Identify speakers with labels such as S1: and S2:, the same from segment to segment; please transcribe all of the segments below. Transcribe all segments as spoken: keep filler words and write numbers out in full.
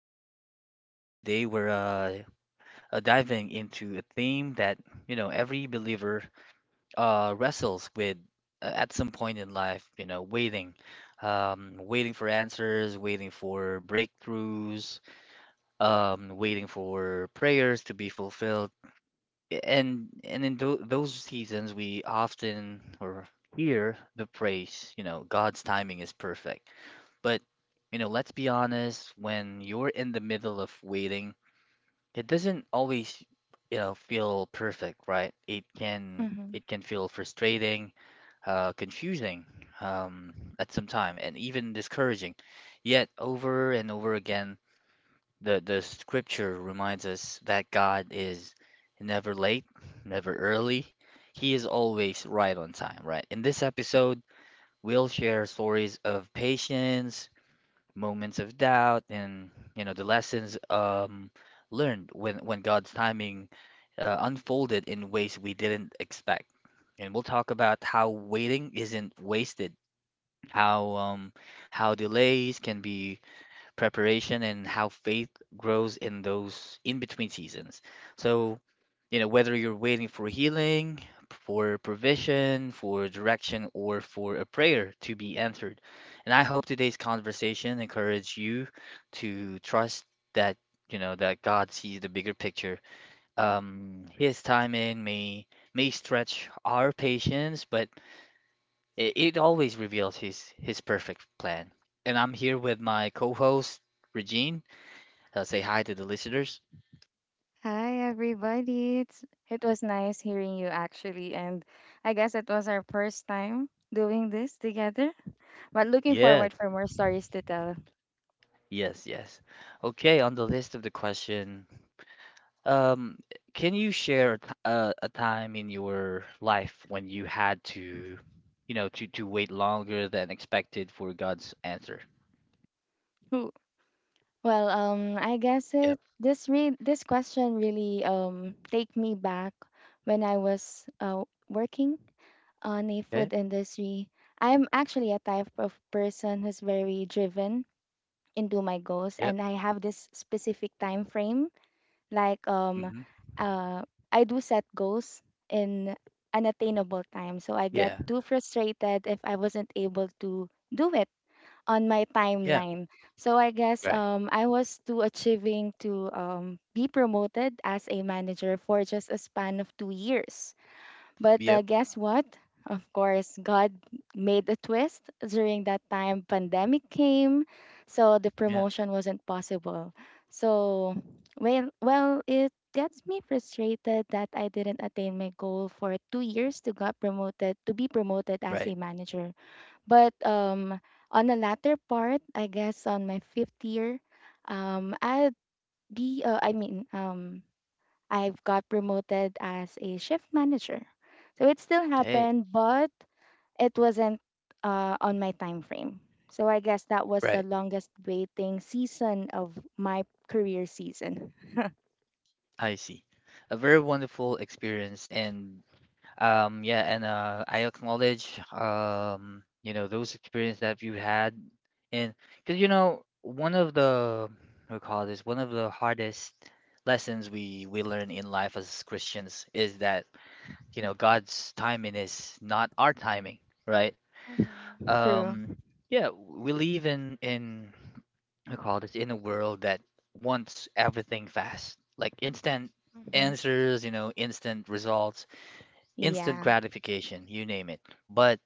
S1: host Jim, and today we're uh, uh, diving into a theme that you know every believer uh, wrestles with uh, at some point in life. You know, waiting, um, waiting for answers, waiting for breakthroughs, um, waiting for prayers to be fulfilled. And and in tho- those seasons, we often or hear the praise, you know, God's timing is perfect. But, you know, let's be honest, when you're in the middle of waiting, it doesn't always, you know, feel perfect, right? It can
S2: Mm-hmm.
S1: it can feel frustrating, uh, confusing, um, at some time, and even discouraging. Yet over and over again, the the scripture reminds us that God is never late, never early. He is always right on time, right? In this episode, we'll share stories of patience moments of doubt and you know the lessons um learned when when God's timing uh, unfolded in ways we didn't expect. And we'll talk about how waiting isn't wasted, how um how delays can be preparation and how faith grows in those in-between seasons. So you know, whether you're waiting for healing, for provision, for direction, or for a prayer to be answered. And I hope today's conversation encourage you to trust that, you know, that God sees the bigger picture. Um, his timing may may stretch our patience, but it, it always reveals his his perfect plan. And I'm here with my co-host, Regine. Uh, say hi to the listeners.
S2: Hi, everybody. It's, it was nice hearing you actually, and I guess it was our first time doing this together. But looking
S1: Yeah.
S2: forward for more stories to tell.
S1: Yes, yes. Okay, on the list of the question, um, can you share a, t a, a time in your life when you had to, you know, to to wait longer than expected for God's answer?
S2: Who? Well, um, I guess
S1: Yep.
S2: it this re this question really um take me back when I was uh working on a food
S1: Okay.
S2: industry. I'm actually a type of person who's very driven into my goals,
S1: Yep.
S2: and I have this specific time frame. Like um
S1: Hmm.
S2: uh I do set goals in unattainable time. So I get
S1: Yeah.
S2: too frustrated if I wasn't able to do it on my
S1: Yeah.
S2: timeline. So I guess
S1: Right.
S2: um I was too achieving to um be promoted as a manager for just a span of 2 years. But uh,
S1: Yep.
S2: guess what? Of course, God made a twist during that time. Pandemic came, so the
S1: Yep.
S2: promotion wasn't possible. So, well, well, it gets me frustrated that I didn't attain my goal for two years to got promoted to be promoted as a
S1: Right.
S2: manager. But um, on the latter part, I guess on my fifth year, um, I'd be uh, I mean um I've got promoted as a shift manager. So it still
S1: Hey.
S2: happened, but it wasn't uh, on my time frame. So I guess that was the
S1: Right.
S2: longest waiting season of my career season.
S1: I see. A very wonderful experience, and Um, yeah, and uh, I acknowledge, um, you know, those experiences that you had, and because you know, one of the we call this one of the hardest lessons we we learn in life as Christians is that you know God's timing is not our timing, right?
S2: Mm-hmm. True.
S1: Um, yeah, we live in in we call this in a world that wants everything fast, like instant
S2: Mm-hmm.
S1: answers, you know, instant results instant
S2: Yeah.
S1: gratification, you name it. But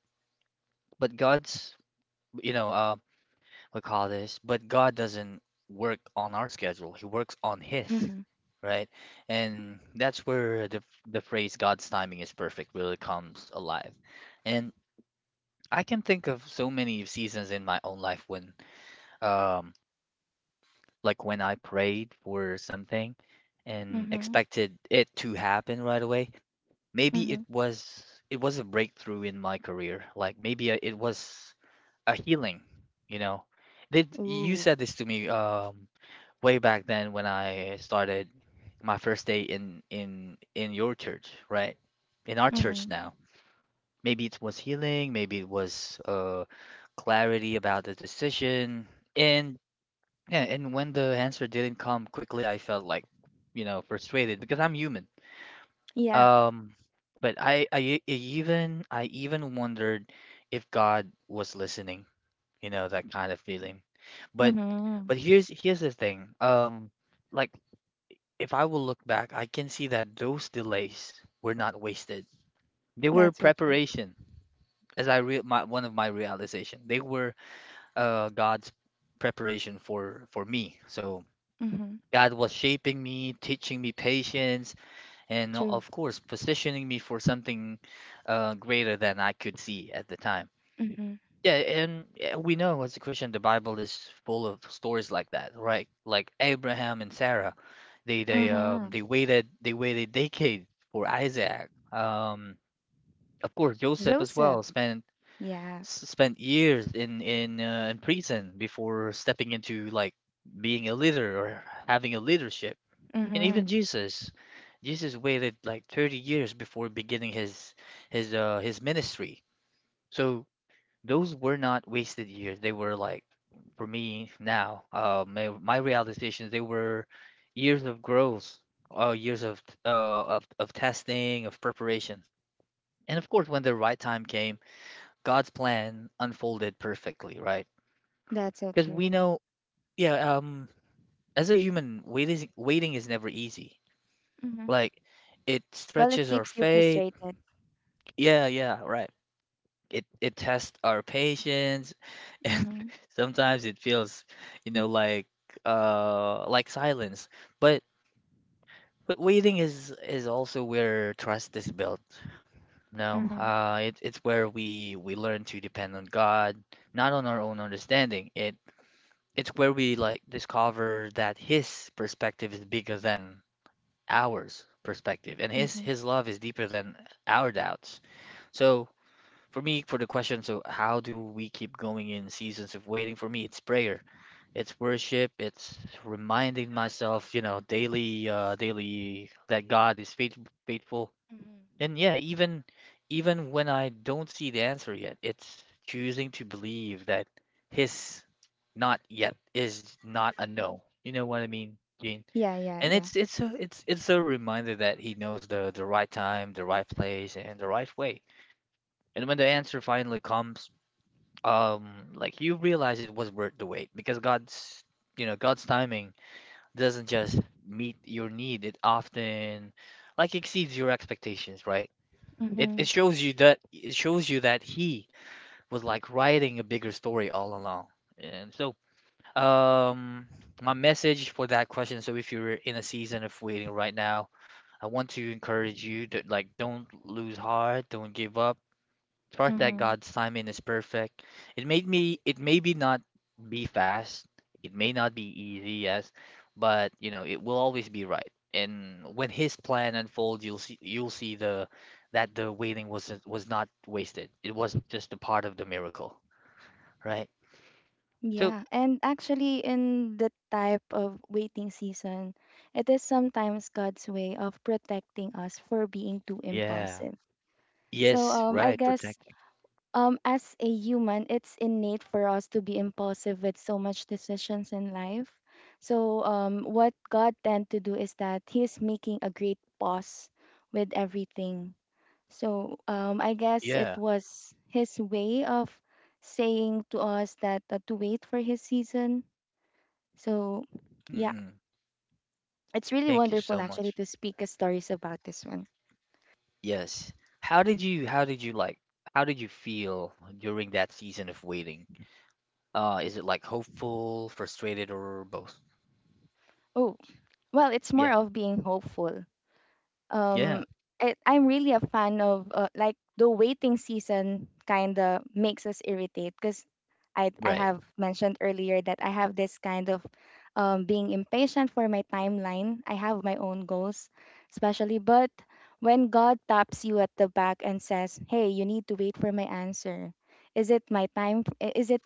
S1: but God's, you know, uh, we call this. But God doesn't work on our schedule. He works on His,
S2: Mhm.
S1: right? And that's where the the phrase "God's timing is perfect" really comes alive. And I can think of so many seasons in my own life when, um, like when I prayed for something and
S2: Mhm.
S1: expected it to happen right away. Maybe it
S2: Mhm.
S1: was it was a breakthrough in my career. Like maybe I- it was a healing, you know. Did you
S2: Ooh.
S1: said this to me um way back then when I started my first day in in in your church, right? In our church
S2: Mhm.
S1: now. Maybe it was healing, maybe it was uh clarity about the decision. And yeah, and when the answer didn't come quickly, I felt like, you know, frustrated because I'm human.
S2: Yeah.
S1: Um, but I I, e- even I even wondered if God was listening, you know, that kind of feeling, but
S2: Mhm.
S1: but here's here's the thing. um like if I will look back, I can see that those delays were not wasted, they were
S2: That's so true.
S1: preparation. As I re my one of my realization, they were uh God's preparation for for me. So
S2: Mhm.
S1: God was shaping me, teaching me patience, and o-
S2: True.
S1: of course positioning me for something uh greater than I could see at the time.
S2: Mhm.
S1: Yeah, and yeah, we know as a Christian, the Bible is full of stories like that, right? Like Abraham and Sarah. They they um
S2: Mhm.
S1: they waited they waited decade for Isaac. Um, of course, Joseph as well
S2: Joseph.
S1: spent
S2: Yeah.
S1: s- spent years in in uh, in prison before stepping into like being a leader or having a leadership. And even
S2: Mhm.
S1: Jesus, Jesus waited like thirty years before beginning his his uh his ministry. So those were not wasted years. They were like, for me now, uh, my, my realizations, they were years of growth, uh, years of, t- uh, of of testing, of preparation. And of course, when the right time came, God's plan unfolded perfectly, right?
S2: That's so
S1: Because we
S2: true.
S1: know, yeah, um, as a human, waiting waiting is never easy.
S2: Mm-hmm.
S1: Like, it
S2: Well, it
S1: stretches our
S2: keeps you
S1: faith.
S2: frustrated.
S1: Yeah, yeah, right. it it tests our patience and
S2: Mm-hmm.
S1: sometimes it feels you know like uh like silence, but but waiting is is also where trust is built. No,
S2: Mm-hmm.
S1: uh it, it's where we we learn to depend on God, not on our own understanding. It it's where we like discover that his perspective is bigger than ours perspective and his
S2: Mm-hmm.
S1: his love is deeper than our doubts. So for me, for the question, so how do we keep going in seasons of waiting? For me, it's prayer, it's worship, it's reminding myself, you know, daily, uh, daily that God is faith faithful.
S2: Mm-hmm.
S1: And yeah, even even when I don't see the answer yet, it's choosing to believe that his not yet is not a no. You know what I mean, Gene?
S2: Yeah, yeah,
S1: And
S2: yeah.
S1: it's it's a it's it's a reminder that he knows the the right time, the right place, and the right way. And when the answer finally comes, um like you realize it was worth the wait because God's, you know, God's timing doesn't just meet your need, it often like exceeds your expectations, right? It
S2: Mm-hmm.
S1: it shows you that it shows you that he was like writing a bigger story all along. And so um my message for that question, so if you're in a season of waiting right now, I want to encourage you to like don't lose heart, don't give up. Trust that
S2: Mm-hmm.
S1: God's timing is perfect. It made me it may be not be fast, it may not be easy, yes, but you know, it will always be right. And when his plan unfolds, you'll see you'll see the that the waiting was was not wasted. It was just a part of the miracle, right? So,
S2: Yeah, and actually, in the type of waiting season, it is sometimes God's way of protecting us for being too
S1: yeah.
S2: impulsive. So,
S1: Yes,
S2: um, I
S1: right,
S2: guess
S1: protecting.
S2: um as a human, it's innate for us to be impulsive with so much decisions in life. So um what God tend to do is that he is making a great pause with everything. So um I guess it
S1: Yeah.
S2: was his way of saying to us that, uh, to wait for his season. So yeah,
S1: Mm-mm.
S2: it's really
S1: Thank you
S2: wonderful
S1: so
S2: actually
S1: much.
S2: to speak uh, stories about this one.
S1: Yes. How did you how did you like how did you feel during that season of waiting? Uh, is it like hopeful, frustrated, or both?
S2: Oh, well, it's more
S1: Yeah,
S2: of being hopeful
S1: yeah,
S2: um it, I'm really a fan of uh, like the waiting season kind of makes us irritate because I, I
S1: right,
S2: have mentioned earlier that I have this kind of um, being impatient for my timeline. I have my own goals especially. But when God taps you at the back and says, hey, you need to wait for my answer. Is it my time? Is it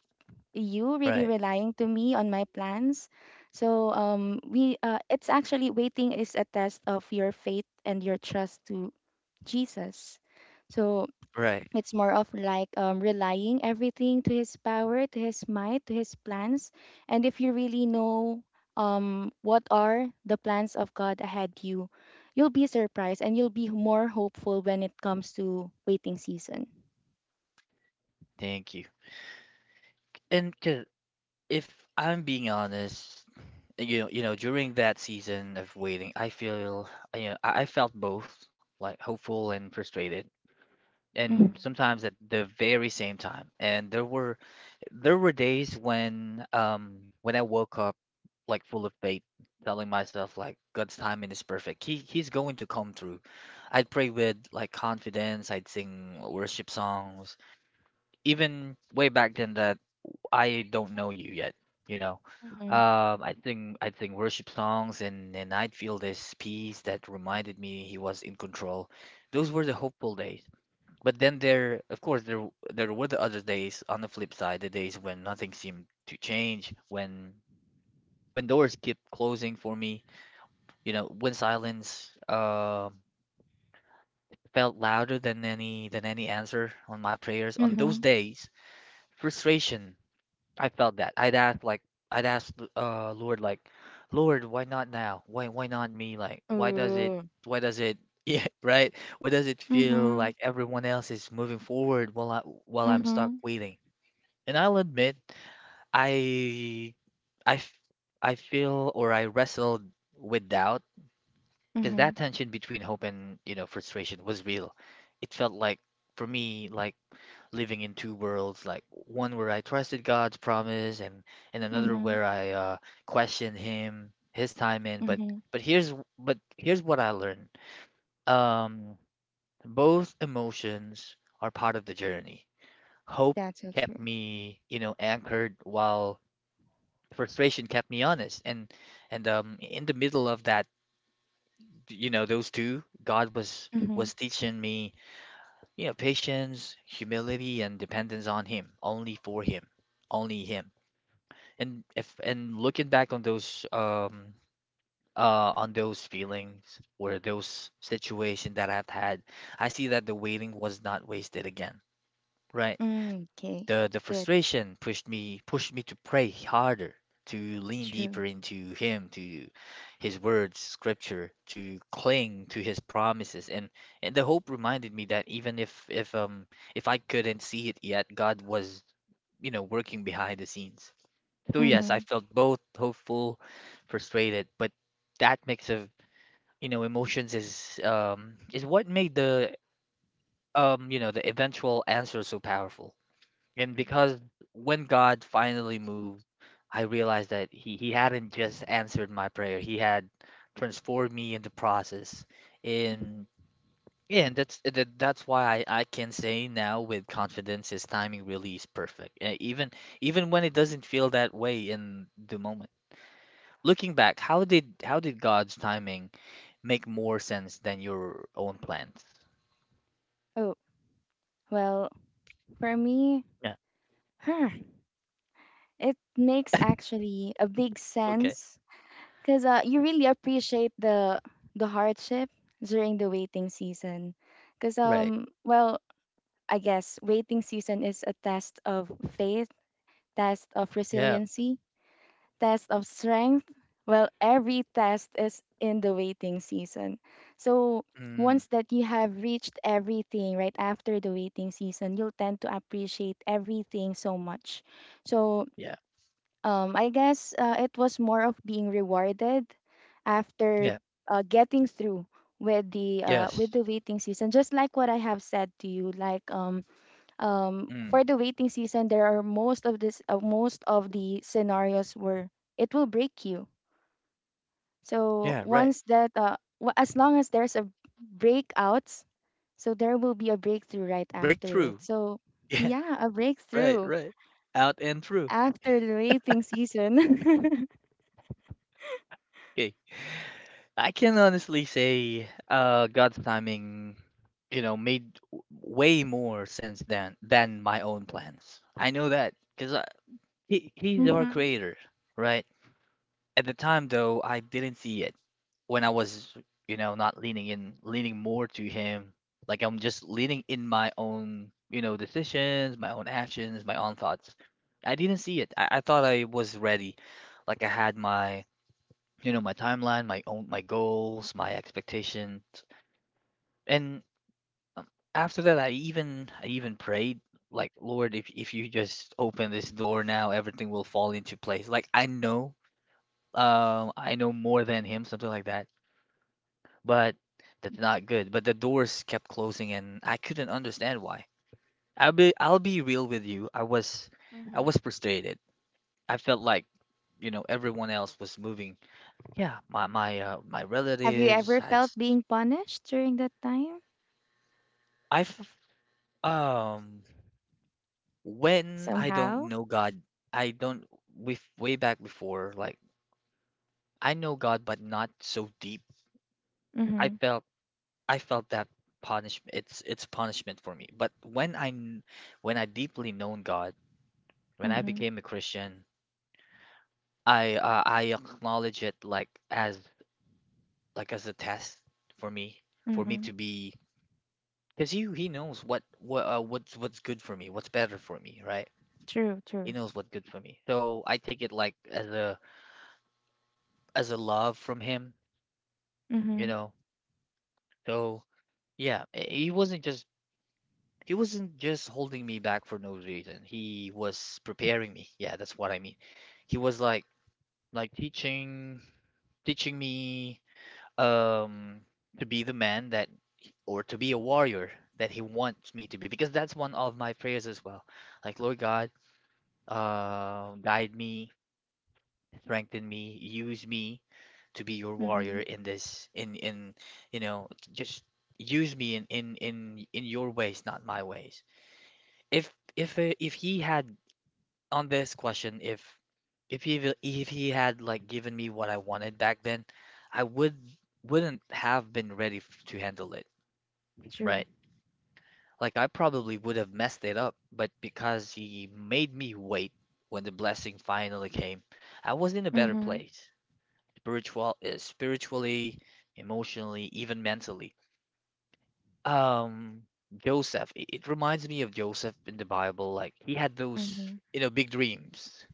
S2: you really
S1: right,
S2: relying to me on my plans? So um, we uh, it's actually, waiting is a test of your faith and your trust to Jesus. So
S1: right.
S2: it's more of like um, relying everything to his power, to his might, to his plans. And if you really know um, what are the plans of God ahead you, you'll be surprised and you'll be more hopeful when it comes to waiting season.
S1: Thank you. And 'cause if I'm being honest, you know, you know, during that season of waiting, I feel, you know, I I felt both, like hopeful and frustrated,
S2: Mhm.
S1: and sometimes at the very same time. And there were there were days when um when I woke up like full of faith, telling myself like God's timing is perfect. He he's going to come through. I'd pray with like confidence, I'd sing worship songs. Even way back then that I don't know you yet, you know.
S2: Mhm.
S1: Um, I think I'd sing worship songs and and I'd feel this peace that reminded me he was in control. Those were the hopeful days. But then there, of course, there w- there were the other days on the flip side, the days when nothing seemed to change, when when doors kept closing for me, you know, when silence uh, felt louder than any than any answer on my prayers. On those
S2: Mhm.
S1: days, frustration, I felt that. I'd ask like I'd ask uh Lord like, Lord, why not now? Why why not me? Like, why does it
S2: Ooh.
S1: why does it yeah, right? Why does it feel
S2: Mhm.
S1: like everyone else is moving forward while I while I'm stuck
S2: Mhm.
S1: waiting? And I'll admit, I I f- I feel or I wrestled with doubt because that
S2: Mhm.
S1: tension between hope and, you know, frustration was real. It felt like for me like living in two worlds, like one where I trusted God's promise and and another
S2: Mhm.
S1: where I uh questioned him, his timing, but
S2: Mhm.
S1: but here's but here's what I learned. Um, Both emotions are part of the journey. Hope
S2: That's so
S1: kept
S2: true.
S1: me, you know, anchored, while frustration kept me honest. And and um in the middle of that, you know, those two, God was
S2: Mhm.
S1: was teaching me, you know, patience, humility, and dependence on him only, for him only him. And if and looking back on those um uh on those feelings or those situations that I've had, I see that the waiting was not wasted again, right?
S2: Mm, okay.
S1: The the
S2: Good.
S1: frustration pushed me pushed me to pray harder, to lean
S2: True.
S1: deeper into him, to his words, scripture, to cling to his promises. And and the hope reminded me that even if if um if I couldn't see it yet, God was, you know, working behind the scenes. So yes, I
S2: Mhm.
S1: felt both hopeful, frustrated, but that mix of, you know, emotions is um is what made the um you know the eventual answer so powerful. And
S2: Mhm.
S1: because when God finally moved, I realized that he, he hadn't just answered my prayer. He had transformed me in the process.
S2: Mhm.
S1: And yeah, and that's that, that's why I, I can say now with confidence his timing really is perfect. Uh, Even even when it doesn't feel that way in the moment. Looking back, how did how did God's timing make more sense than your own plans?
S2: Oh, well, for me,
S1: Yeah.
S2: huh, it makes actually a big
S1: Okay.
S2: sense because uh, you really appreciate the the hardship during the waiting season. Because
S1: Right.
S2: um, well, I guess waiting season is a test of faith, test of
S1: Yeah.
S2: resiliency, test of strength? Well, every test is in the waiting season. So
S1: Mm.
S2: once that you have reached everything right after the waiting season, you'll tend to appreciate everything so much. So
S1: Yeah.
S2: um, I guess uh, it was more of being rewarded after
S1: Yeah.
S2: uh, getting through with the uh,
S1: Yes.
S2: with the waiting season. Just like what I have said to you, like um, um,
S1: Mm.
S2: for the waiting season, there are most of this uh, most of the scenarios where it will break you. So
S1: Yeah. Right.
S2: once that uh, wa- as long as there's a breakouts, so there will be a breakthrough right after
S1: Breakthrough.
S2: it. So
S1: Yeah,
S2: yeah, a
S1: right,
S2: breakthrough
S1: right. Out and through.
S2: after the waiting season.
S1: Okay. I can honestly say uh God's timing, you know, made w- way more sense than than my own plans. I know that because he he's our
S2: Hmm.
S1: creator, right? At the time though, I didn't see it when I was, you know, not leaning in, leaning more to him. Like I'm just leaning in my own, you know, decisions, my own actions, my own thoughts. I didn't see it. I, I thought I was ready. Like I had my, you know, my timeline, my own, my goals, my expectation. And um, after that, I even, I even prayed, like, Lord, if if you just open this door now, everything will fall into place. Like I know, um, I know more than him, something like that. But that's not good. But the doors kept closing, and I couldn't understand why. I'll be I'll be real with you. I was I was
S2: Hmm.
S1: frustrated. I felt like, you know, everyone else was moving. Yeah, my my uh, my
S2: Have you
S1: relatives.
S2: ever
S1: I
S2: felt
S1: s-
S2: being punished during that time
S1: I f- um when I don't
S2: somehow?
S1: know God, I don't with way back before. Like I know God, but not so deep. I
S2: Mm-hmm.
S1: felt I felt that punishment. It's it's punishment for me. But when I kn- when I deeply known God. When I
S2: Mm-hmm.
S1: became a Christian, I uh, I acknowledge it like as like as a test for me, for me
S2: Mm-hmm.
S1: to be, because he he knows what what uh, what's what's good for me, what's better for me, right?
S2: True,
S1: He
S2: true.
S1: knows what's good for me. So I take it like as a as a love from him, you
S2: Mm-hmm.
S1: know. So yeah, i- he wasn't just he wasn't just holding me back for no reason. He was preparing me. Yeah, that's what I mean. He was like like teaching teaching me, um, to be the man that, or to be a warrior that he wants me to be, because that's one of my prayers as well. Like, Lord God, uh, guide me, strengthen me, use me to be your
S2: Mm-hmm.
S1: warrior in this, in in you know, just use me in in in in your ways, not my ways. If if uh, if he had, on this question, if if he will- if he had, like, given me what I wanted back then, I would wouldn't have been ready f- to handle it.
S2: True.
S1: Right. Like I probably would have messed it up, but because he made me wait, when the blessing finally came, I was in a better
S2: Mm-hmm.
S1: place. Spiritual is spiritually, emotionally, even mentally. Um, Joseph, it, it reminds me of Joseph in the Bible. Like he had those,
S2: Mhm.
S1: you know, big dreams,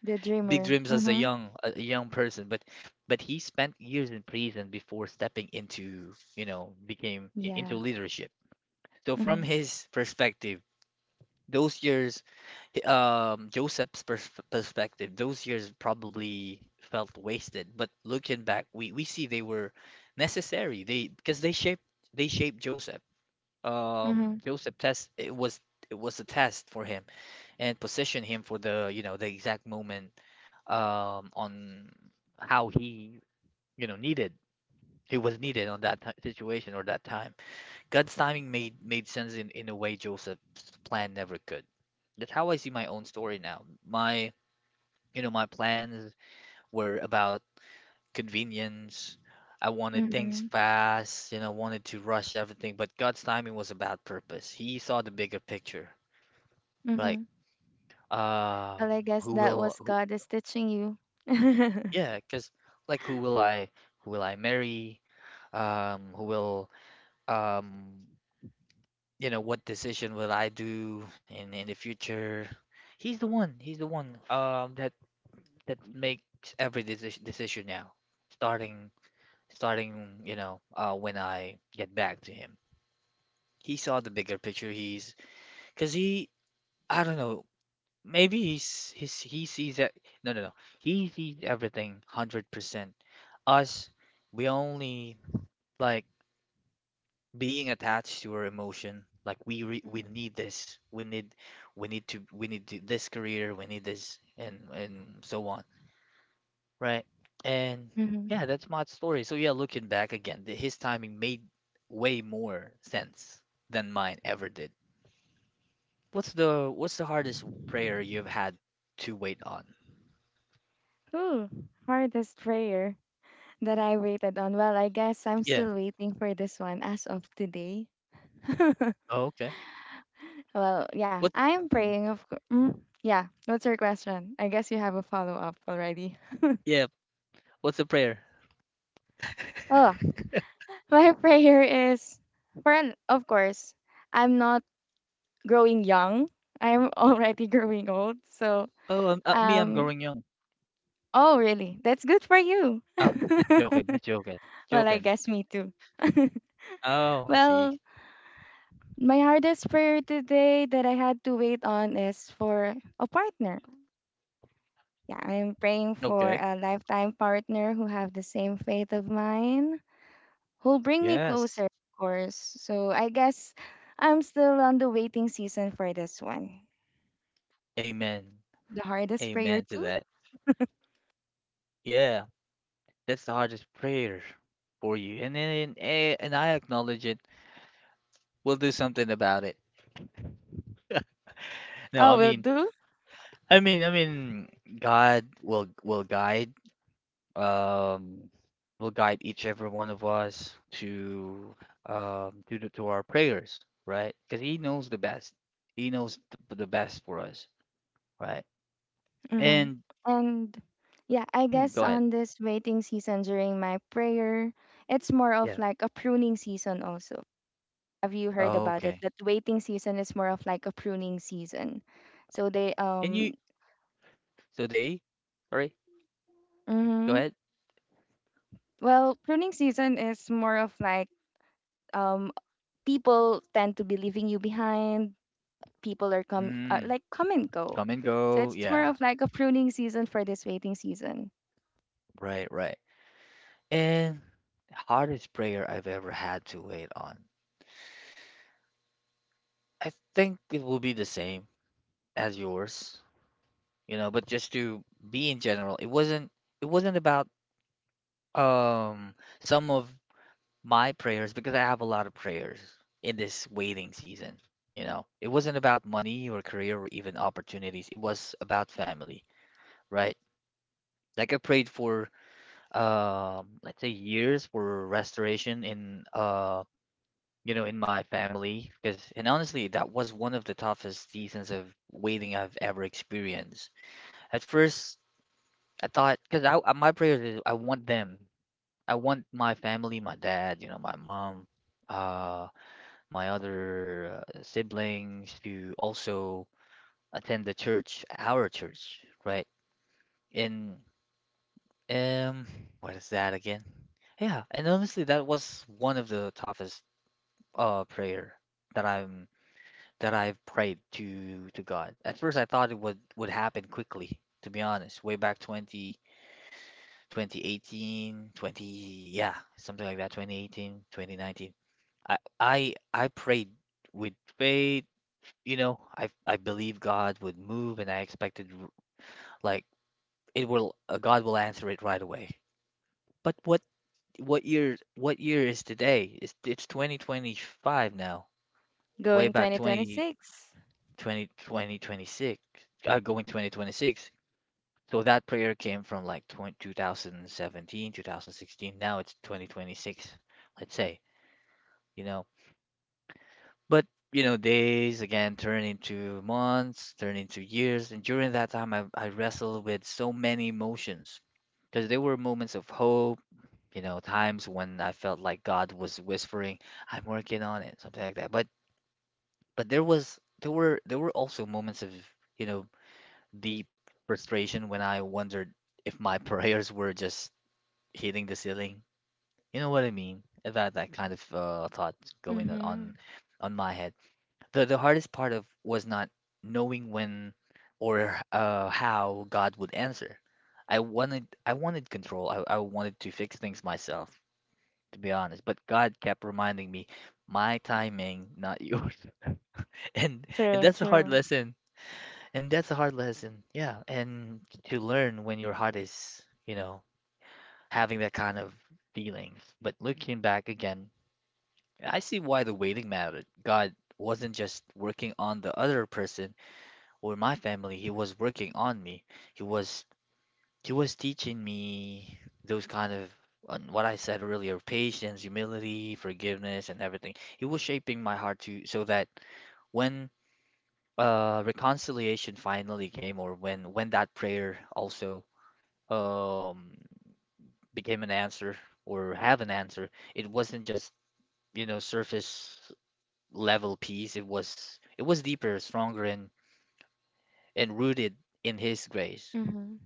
S2: The
S1: big
S2: dreamer.
S1: dreams as a
S2: Mhm.
S1: young, a young person. But, but he spent years in prison before stepping into, you know, became i-
S2: Yeah.
S1: into leadership. So from
S2: Mhm.
S1: his perspective, those years, um, Joseph's pers perspective, those years probably felt wasted, but looking back, we we see they were necessary. They, because they shaped they shaped Joseph. Um,
S2: Mhm.
S1: Joseph test It was it was a test for him and positioned him for the, you know, the exact moment, um, on how he, you know, needed, he was needed on that ti- situation or that time. God's timing made made sense in in a way Joseph's plan never could. That's how I see my own story now. My, you know, my plans were about convenience. I wanted things
S2: Mhm.
S1: fast, you know, wanted to rush everything, but God's timing was about purpose. He saw the bigger picture. Like,
S2: Mhm. Well,
S1: um,
S2: I guess
S1: who
S2: that was
S1: will, who,
S2: God is teaching you.
S1: yeah, 'cause like, who will I who will I marry? Um, who will um, you know, what decision will I do in in the future? He's the one. He's the one um that that makes every deci- decision now, starting starting, you know, uh, when I get back to him. He saw the bigger picture. He's because he, I don't know, maybe he's, he's he sees that. No, no, no. He sees everything one hundred percent. Us, we only, like, being attached to our emotion. Like we re we
S2: Mhm.
S1: need this. We need we need to we need to, this career. We need this and and so on. Right. And
S2: Mhm.
S1: yeah, that's Mott's story. So yeah, looking back again, th- his timing made way more sense than mine ever did. What's the what's the hardest prayer you've had to wait on?
S2: Ooh, hardest prayer that I waited on. Well, I guess I'm
S1: Yeah.
S2: still waiting for this one as of today.
S1: Oh, okay.
S2: Well, yeah,
S1: What?
S2: I'm
S1: Mm.
S2: praying. Of course. Mm, yeah. What's your question? I guess you have a follow up already.
S1: Yeah. What's the prayer?
S2: Oh, my prayer is for, an- of course, I'm not growing young. I'm already growing old. So,
S1: Oh, um, uh, me, I'm
S2: um,
S1: growing young.
S2: oh, really? That's good for you.
S1: Ah, just joking. Just joking.
S2: Well,
S1: Joking.
S2: I guess me too.
S1: Oh, I see.
S2: Well, my hardest prayer today that I had to wait on is for a partner. Yeah, I'm praying for
S1: Okay.
S2: a lifetime partner who have the same faith of mine, who'll bring me
S1: Yes.
S2: closer, of course. So I guess I'm still on the waiting season for this one.
S1: Amen.
S2: The hardest
S1: Amen
S2: prayer
S1: to
S2: too.
S1: that. Yeah. That's the hardest prayer for you, and then and, and I acknowledge it. We'll do something about it. No, I
S2: Oh, will
S1: mean,
S2: do.
S1: I mean, I mean, God will will guide, um, will guide each every one of us to um to the, to our prayers, right? Because He knows the best. He knows the, the best for us, right?
S2: Mm-hmm.
S1: And
S2: And yeah, I
S1: hmm,
S2: guess
S1: go ahead.
S2: on this waiting season during my prayer, it's more of
S1: Yeah.
S2: like a pruning season also. Have you heard about it?
S1: Okay.
S2: That waiting season is more of like a pruning season. So they
S1: Can you?
S2: um
S1: So they, sorry. Go
S2: Mm-hmm.
S1: ahead.
S2: Well, pruning season is more of like um people tend to be leaving you behind. People are come uh,
S1: Mm,
S2: like come and go.
S1: come and
S2: So
S1: go.
S2: it's more
S1: Yeah.
S2: of like a pruning season for this waiting season.
S1: Right. Right. And hardest prayer I've ever had to wait on. I think it will be the same as yours, you know, but just to be in general, it wasn't it wasn't about, um some of my prayers, because I have a lot of prayers in this waiting season, you know. It wasn't about money or career or even opportunities. It was about family, right? Like I prayed for, um let's say, years for restoration in, um you know, in my family. Because, and honestly, that was one of the toughest seasons of waiting I've ever experienced. At first, I thought, because I, I- my prayers is I want them. I want my family, my dad, you know, my mom, uh, my other uh, siblings to also attend the church, our church, right? And um, what is that again? Yeah, and honestly, that was one of the toughest uh prayer that I that I've prayed to to God. At first, I thought it would would happen quickly, to be honest. Way back twenty twenty eighteen, twenty, yeah, something like that, twenty eighteen, twenty nineteen. I I I prayed with faith, you know, I I believe God would move and I expected r- like, it will uh, God will answer it right away. But what what year what year is today? It's it's twenty twenty-five now. Way
S2: Going
S1: back twenty
S2: twenty twenty-six.
S1: twenty twenty twenty six. Uh, going twenty twenty-six. So that prayer came from like 20, two thousand seventeen Now it's twenty twenty-six, let's say, you know. But, you know, days again turn into months, turn into years. And during that time, I, I wrestled with so many emotions because there were moments of hope, you know, times when I felt like God was whispering, "I'm working on it," something like that. But but there was there were there were also moments of, you know, deep frustration, when I wondered if my prayers were just hitting the ceiling. You know what I mean? About that kind of uh, thought going on on
S2: Mm-hmm.
S1: on my head. The the hardest part of was not knowing when or uh, how God would answer. I wanted I wanted control. I, I wanted to fix things myself, to be honest. But God kept reminding me, my timing, not yours. And and
S2: True,
S1: that's a hard
S2: true.
S1: lesson. And that's a hard lesson. Yeah. And to learn, when your heart is, you know, having that kind of feeling. But looking back again, I see why the waiting mattered. God wasn't just working on the other person or my family, he was working on me. He was he was teaching me those kind of, on what I said earlier, patience, humility, forgiveness, and everything. He was shaping my heart, to so that when, uh, reconciliation finally came, or when when that prayer also, um became an answer, or have an answer, it wasn't just, you know, surface level peace. It was it was deeper, stronger, and and rooted in His grace.
S2: Mm-hmm.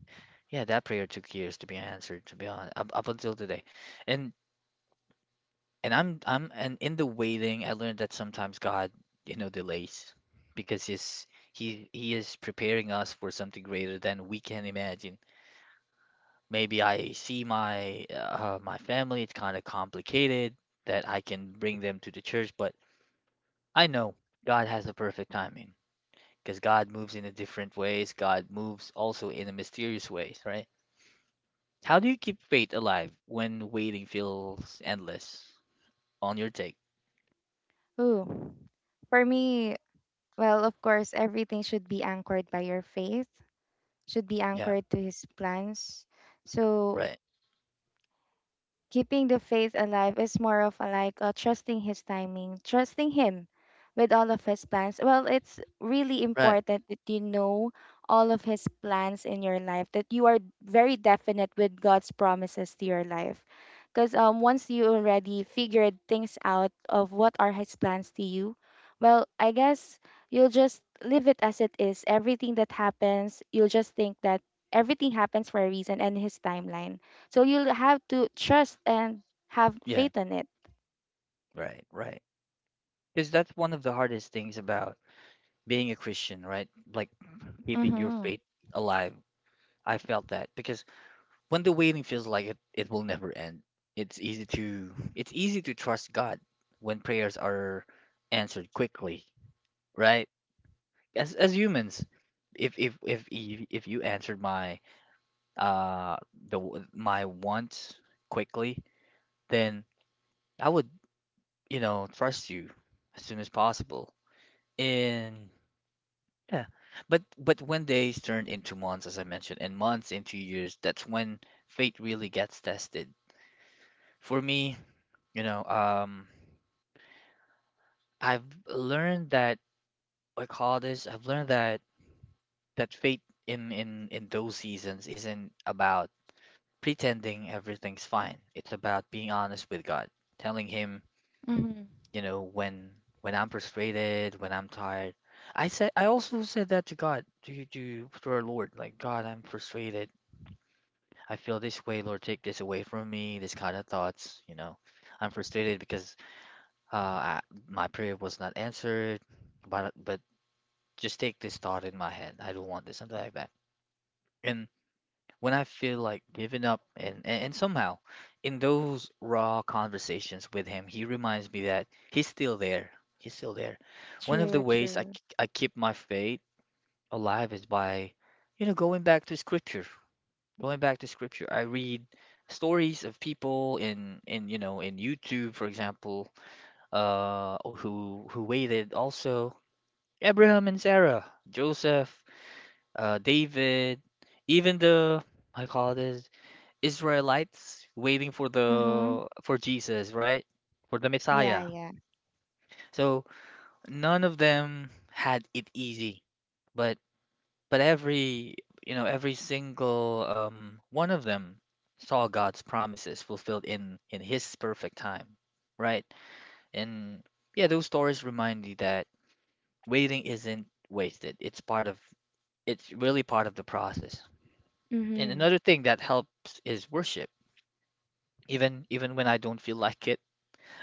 S1: Yeah, that prayer took years to be answered, to be honest, up, up until today. And and I'm I'm and in the waiting, I learned that sometimes God, you know, delays because He's, he he is preparing us for something greater than we can imagine. Maybe I see my, uh, my family; it's kind of complicated that I can bring them to the church, but I know God has the perfect timing. Because God moves in a different ways. God moves also in a mysterious ways, right? How do you keep faith alive when waiting feels endless? On your take.
S2: Ooh. For me, well, of course, everything should be anchored by your faith, should be
S1: Yeah,
S2: anchored to his plans. So
S1: right.
S2: keeping the faith alive is more of a like uh, trusting his timing, trusting him with all of his plans. Well, it's really
S1: Right.
S2: important that you know all of his plans in your life, that you are very definite with God's promises to your life. Because um, once you already figured things out of what are his plans to you, well, I guess you'll just leave it as it is. Everything that happens, you'll just think that everything happens for a reason and his timeline, so you'll have to trust and have
S1: Yeah,
S2: faith in it.
S1: right, right. Because that's one of the hardest things about being a Christian, right? Like keeping your
S2: Mm-hmm.
S1: faith alive. I felt that because when the waiting feels like it, it will never end. It's easy to it's easy to trust God when prayers are answered quickly, right? as as humans, if if if y- if you answered my uh the w- my want quickly, then I would you know trust you as soon as possible. And yeah, but but when days turn into months, as I mentioned, and months into years, that's when fate really gets tested for me. you know um I've learned that I call this I've learned that that fate in in in those seasons isn't about pretending everything's fine. It's about being honest with God, telling him,
S2: Mm-hmm.
S1: you know, when when I'm frustrated, when I'm tired. I said I also said that to God, to to to our Lord, like, God, I'm frustrated. I feel this way, Lord, take this away from me, this kind of thoughts, you know. I'm frustrated because uh I, my prayer was not answered, but but just take this thought in my head. I don't want this, something like that. And when I feel like giving up, and, and, and somehow in those raw conversations with him, he reminds me that he's still there. He's still there. One of the
S2: True,
S1: ways I,
S2: true.
S1: k- I keep my faith alive is by, you know, going back to scripture. Going back to scripture, I read stories of people in in you know in YouTube, for example, uh, who who waited also: Abraham and Sarah, Joseph, uh, David, even the, I call this, Israelites waiting for
S2: Mm-hmm.
S1: the for Jesus, right? For the
S2: Yeah,
S1: Messiah.
S2: yeah.
S1: So none of them had it easy, but but every you know every single um, one of them saw God's promises fulfilled in in His perfect time, right? And yeah, those stories remind me that waiting isn't wasted. It's part of it's really part of the process. And
S2: Mm-hmm.
S1: another thing that helps is worship. Even even when I don't feel like it,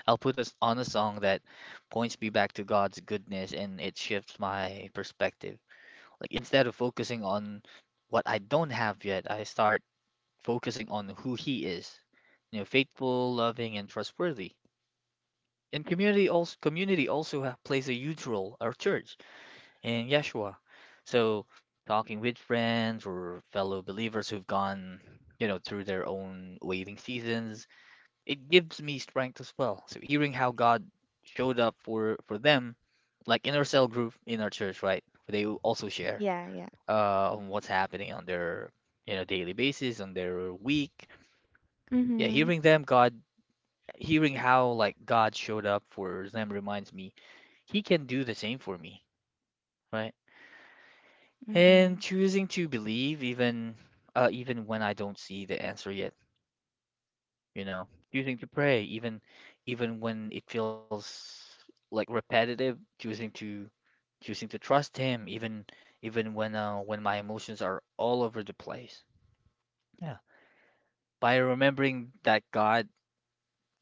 S1: I'll put us on a song that points me back to God's goodness, and it shifts my perspective. Like instead of focusing on what I don't have yet, I start focusing on who he is. You know, faithful, loving, and trustworthy. And community also community also ha- plays a huge role, our church in Yeshua. So talking with friends or fellow believers who've gone, you know, through their own waiting seasons, it gives me strength as well. So hearing how God showed up for for them, like in our cell group in our church, right? They also share
S2: Yeah, yeah.
S1: uh on what's happening on their you know daily basis, on their week. Yeah,
S2: Mm-hmm.
S1: hearing them, God, hearing how, like, God showed up for them reminds me He can do the same for me, right?
S2: Mm-hmm.
S1: And choosing to believe even uh even when I don't see the answer yet. you know Choosing to pray even even when it feels like repetitive, choosing to choosing to trust him even even when uh, when my emotions are all over the place. Yeah, by remembering that god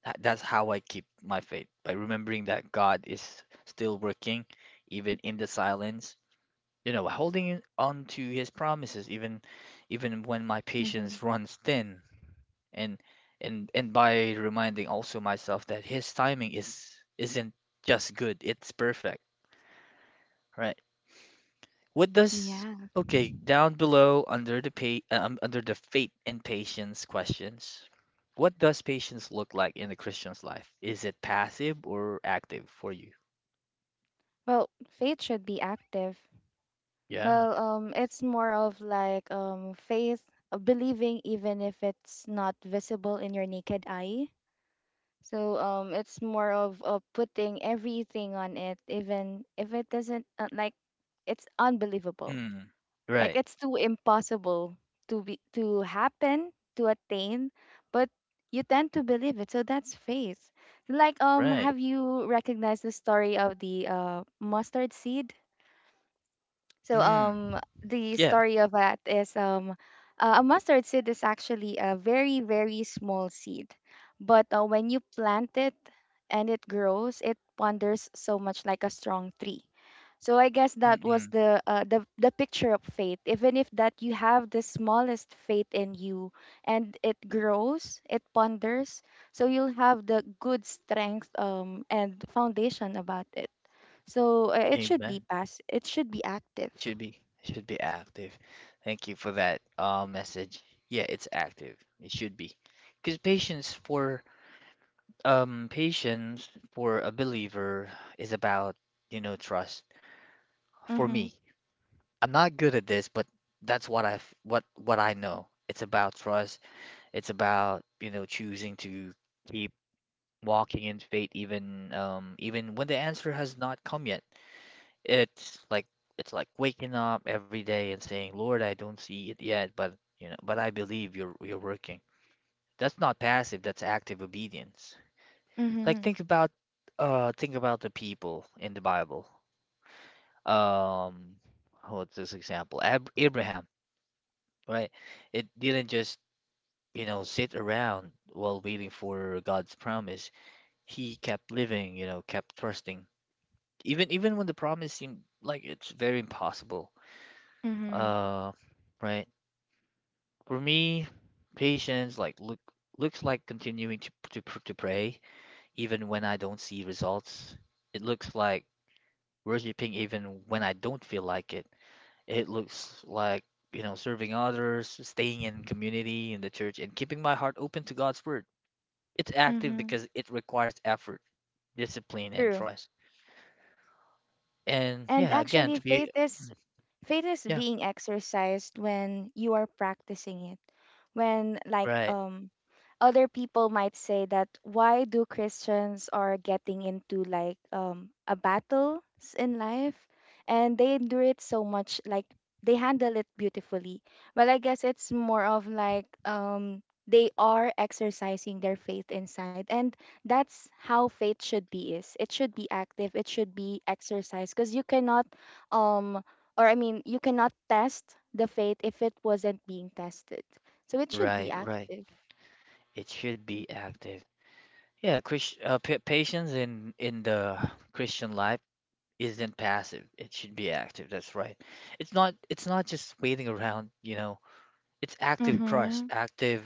S1: tha- that's how I keep my faith, by remembering that God is still working even in the silence, you know, holding on to his promises even even when my
S2: Mm-hmm.
S1: patience runs thin. And and and by reminding also myself that his timing is isn't just good, it's perfect, right? What does
S2: Yeah.
S1: Okay, down below, under the pay um, under the faith and patience questions. What does patience look like in a Christian's life? Is it passive or active for you?
S2: Well, faith should be active.
S1: Yeah.
S2: Well, um, it's more of like um faith, uh, believing even if it's not visible in your naked eye. So um, it's more of uh, putting everything on it, even if it doesn't, uh, like it's unbelievable.
S1: Mm.
S2: Like
S1: Right.
S2: it's too impossible to be to happen, to attain, but you tend to believe it. So that's faith. Like um
S1: Right.
S2: have you recognized the story of the uh mustard seed? So
S1: Mm.
S2: um the
S1: Yeah.
S2: story of that is um uh, a mustard seed is actually a very very small seed, but uh, when you plant it and it grows, it ponders so much like a strong tree. So I guess that was
S1: Mm-mm.
S2: the uh, the the picture of faith. Even if that you have the smallest faith in you, and it grows, it ponders. So you'll have the good strength um and foundation about it. So uh, it should be
S1: Amen.
S2: pass. It should be active.
S1: Should be should be active. Thank you for that uh, message. Yeah, it's active. It should be. Because patience for um patience for a believer is about, you know, trust. For
S2: Mhm.
S1: me, I'm not good at this, but that's what I have what what I know. It's about trust. It's about, you know, choosing to keep walking in faith even um even when the answer has not come yet. It's like it's like waking up every day and saying, "Lord, I don't see it yet, but you know, but I believe you're you're working." That's not passive, that's active obedience. Like,
S2: Mhm.
S1: think about uh think about the people in the Bible. Um, what's this example? Ab Abraham, right? It didn't just, you know, sit around while waiting for God's promise. He kept living, you know, kept trusting. Even even when the promise seemed like it's very impossible.
S2: Mhm.
S1: Uh, right? For me, patience, like, look looks like continuing to to pr- to pray even when I don't see results. It looks like worshiping even when I don't feel like it. It looks like, you know, serving others, staying in community in the church, and keeping my heart open to God's word. It's active
S2: Mhm.
S1: because it requires effort, discipline, and
S2: True.
S1: trust. And
S2: And
S1: yeah, again,
S2: actually,
S1: to
S2: faith
S1: be
S2: is faith is
S1: yeah,
S2: being exercised when you are practicing it. When like
S1: right,
S2: um other people might say that why do Christians are getting into like um a battle in life, and they endure it so much like they handle it beautifully. But I guess it's more of like um they are exercising their faith inside, and that's how faith should be, is it should be active, it should be exercised because you cannot, um or I mean, you cannot test the faith if it wasn't being tested, so it should be
S1: right, right.
S2: active.
S1: It should be active. Yeah, Christ, uh, pa- patience in in the Christian life isn't passive. It should be active. That's right. It's not it's not just waiting around, you know. It's active trust,
S2: Mm-hmm.
S1: active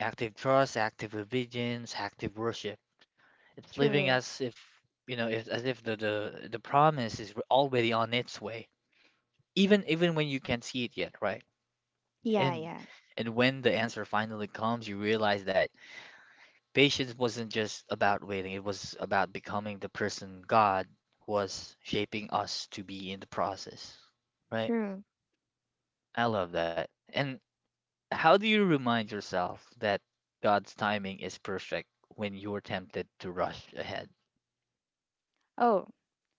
S1: active trust, active obedience, active worship. It's living
S2: True.
S1: as if, you know, if, as if the, the the promise is already on its way, even even when you can't see it yet, right?
S2: Yeah,
S1: And
S2: yeah.
S1: and when the answer finally comes, you realize that patience wasn't just about waiting, it was about becoming the person God was shaping us to be in the process, right?
S2: True.
S1: I love that. And how do you remind yourself that God's timing is perfect when you're tempted to rush ahead?
S2: Oh,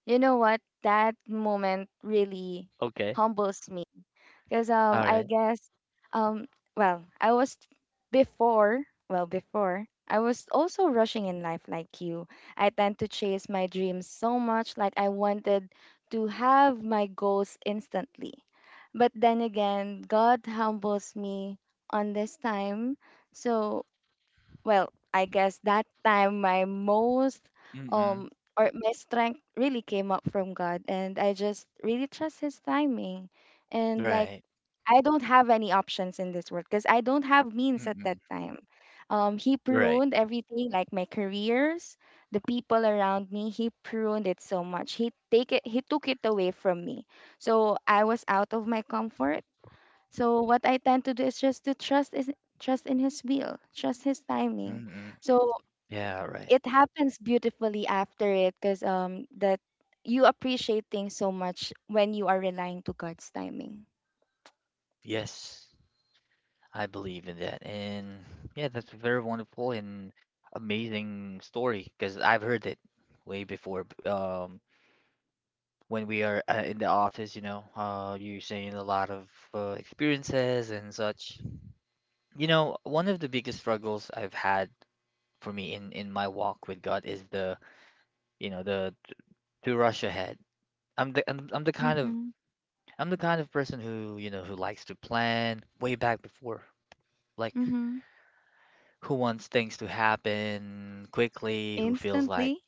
S2: you know what? That moment really
S1: Okay.
S2: humbles me because um
S1: All
S2: I
S1: right.
S2: guess um well, I was before well before I was also rushing in life like you. I tend to chase my dreams so much like I wanted to have my goals instantly. But then again, God humbles me on this time. So well, I guess that time my most um
S1: Mm-mm.
S2: or my strength really came up from God, and I just really trust his timing. And like
S1: Right.
S2: I don't have any options in this world because I don't have means at that
S1: Mm-mm.
S2: time. Um he
S1: Right.
S2: pruned everything like my careers, the people around me, he pruned it so much. He take it he took it away from me. So I was out of my comfort, so what I tend to do is just to trust is trust in his will, trust his timing.
S1: Mm-mm.
S2: So
S1: Yeah, right.
S2: it happens beautifully after it because um that you appreciate things so much when you are relying to God's timing.
S1: Yes. I believe in that. And yeah, that's a very wonderful and amazing story because I've heard it way before. B- Um, when we are uh, in the office, you know, uh, you're saying a lot of uh, experiences and such. You know, one of the biggest struggles I've had, for me, in in my walk with God, is the, you know, the to rush ahead. I'm the I'm, I'm the kind of
S2: Mm-hmm.
S1: I'm the kind of person who, you know, who likes to plan way back before. Like
S2: Mm-hmm.
S1: who wants things to happen quickly, who feels like,
S2: Instantly.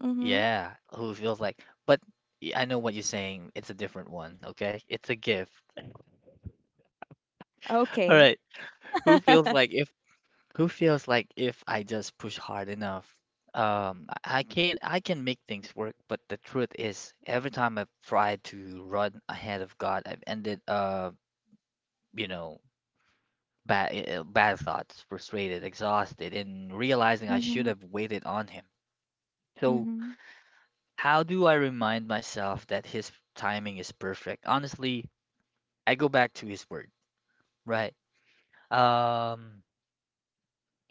S2: Mm-hmm.
S1: yeah, who feels like, but y- I know what you're saying. It's a different one, okay? It's a gift. All
S2: Okay.
S1: right. Who feels like if who feels like if I just push hard enough, um, I I can I can make things work, but the truth is, every time I've tried to run ahead of God, I've ended uh, you know, bad bad thoughts, frustrated, exhausted, and realizing I should
S2: Mm-hmm.
S1: have waited on him. So
S2: Mm-hmm.
S1: how do I remind myself that his timing is perfect? Honestly, I go back to his word, right? Um,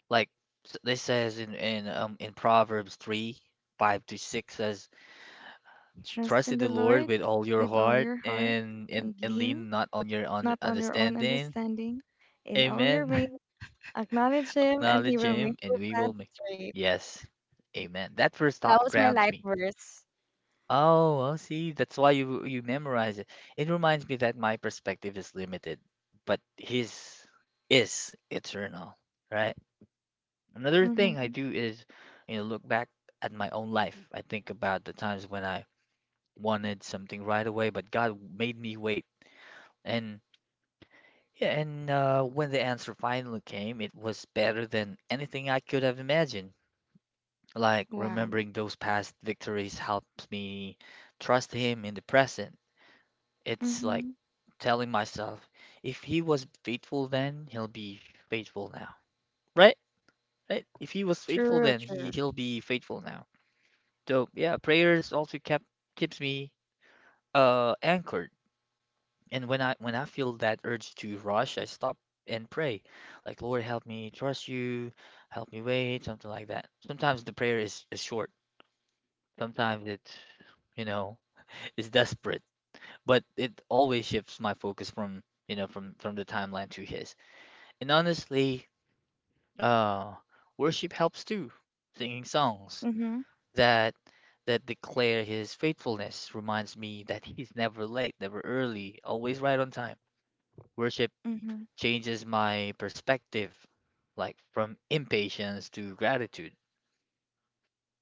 S1: like, s- they says in in um in Proverbs three, five to six says,
S2: Trust
S1: "Trust
S2: in
S1: in
S2: the
S1: the Lord
S2: Lord
S1: with all your
S2: with all
S1: heart,
S2: your heart
S1: and and,
S2: and
S1: and
S2: lean
S1: lean not on your un
S2: not on your own
S1: understanding."
S2: understanding. In all your
S1: Amen.
S2: ways, acknowledge Him, and He
S1: Acknowledge
S2: will
S1: him,
S2: make
S1: and
S2: your
S1: we will
S2: path
S1: make.
S2: straight.
S1: Yes. Amen. That first
S2: That
S1: thought
S2: was my
S1: grounds
S2: life
S1: me.
S2: verse.
S1: Oh, I see. That's why you you memorize it. It reminds me that my perspective is limited, but his is eternal, right? Another thing I
S2: Mm-hmm.
S1: do is, you know, look back at my own life. I think about the times when I wanted something right away, but God made me wait. And yeah, and uh, when the answer finally came, it was better than anything I could have imagined. Like
S2: Wow.
S1: remembering those past victories helps me trust Him in the present. It's like
S2: Mm-hmm.
S1: telling myself, if he was faithful then, he'll be faithful now. Right? Right? If he was faithful
S2: True,
S1: then, he
S2: true.
S1: he'll be faithful now. So yeah, prayers also kept keeps me uh anchored. And when I when I feel that urge to rush, I stop and pray. Like, Lord, help me trust you, help me wait, something like that. Sometimes the prayer is, is short. Sometimes it's you know, is desperate. But it always shifts my focus from you know from from the timeline to his. And honestly, Uh, worship helps too. Singing songs
S2: Mm-hmm.
S1: that that declare his faithfulness reminds me that he's never late, never early, always right on time. Worship
S2: Mm-hmm.
S1: changes my perspective, like from impatience to gratitude,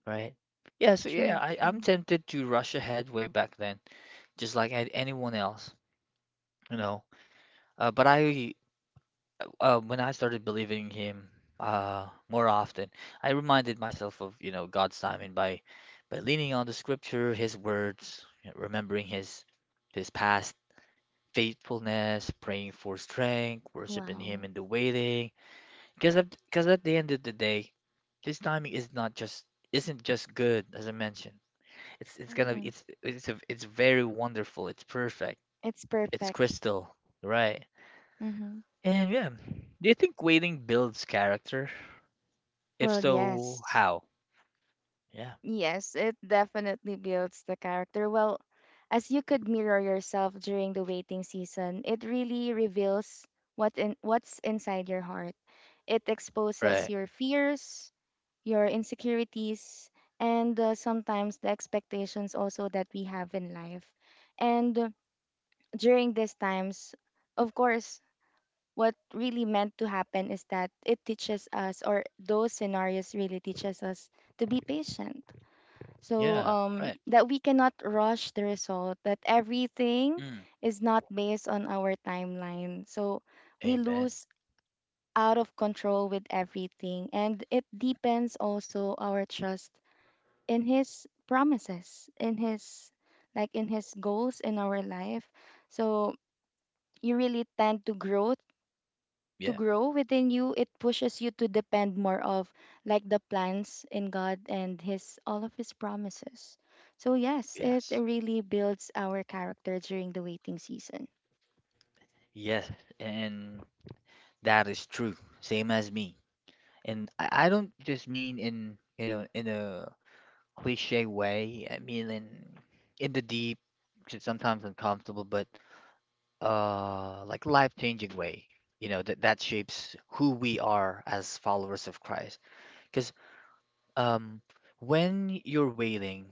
S1: right? Yeah, so yeah,
S2: True,
S1: I, I'm
S2: true.
S1: tempted to rush ahead way back then, just like a- anyone else, you know. Uh, but I uh, When I started believing him uh, more often, I reminded myself of, you know, God's timing by by leaning on the scripture, his words, you know, remembering his his past faithfulness, praying for strength, worshiping him
S2: Wow.
S1: in the waiting. Because at, because at the end of the day, his timing is not just isn't just good, as I mentioned. It's it's gonna
S2: Mm-hmm.
S1: it's it's a, it's very wonderful. It's perfect.
S2: It's
S1: It's
S2: perfect.
S1: crystal, right?
S2: Mm-hmm.
S1: And yeah, do you think waiting builds character? If
S2: Well,
S1: so,
S2: yes.
S1: how? Yeah.
S2: Yes, it definitely builds the character. Well, as you could mirror yourself during the waiting season, it really reveals what in, what's inside your heart. It exposes
S1: Right.
S2: your fears, your insecurities, and uh, sometimes the expectations also that we have in life. And uh, during these times, of course, what really meant to happen is that it teaches us, or those scenarios really teaches us to be patient, so
S1: Yeah.
S2: um,
S1: Right.
S2: that we cannot rush the result, that everything
S1: Mm.
S2: is not based on our timeline. So we
S1: Amen.
S2: lose out of control with everything. And it depends also our trust in his promises, in his like in his goals in our life. So you really tend to grow to
S1: Yeah.
S2: grow within you, it pushes you to depend more of like the plans in God and his all of his promises. So yes, it
S1: Yes.
S2: really builds our character during the waiting season.
S1: Yes, and that is true. Same as me. And I, I don't just mean in you know in a cliche way. I mean in in the deep, which is sometimes uncomfortable, but uh like life-changing way. You know that that shapes who we are as followers of Christ. Because um when you're wailing,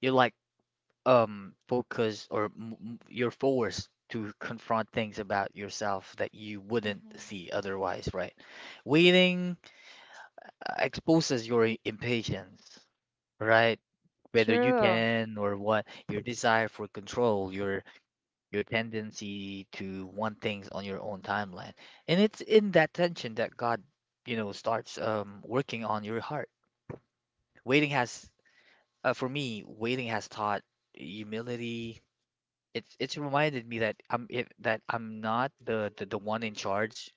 S1: you're like um focus or m- m- you're forced to confront things about yourself that you wouldn't
S2: Mm-hmm.
S1: see otherwise, right? Waiting uh, exposes your i- impatience, right? Whether you
S2: True.
S1: can or what, your desire for control, your your tendency to want things on your own timeline. And it's in that tension that God, you know, starts um working on your heart. Waiting has uh, For me, waiting has taught humility, it's it's reminded me that I'm it, that I'm not the, the the one in charge.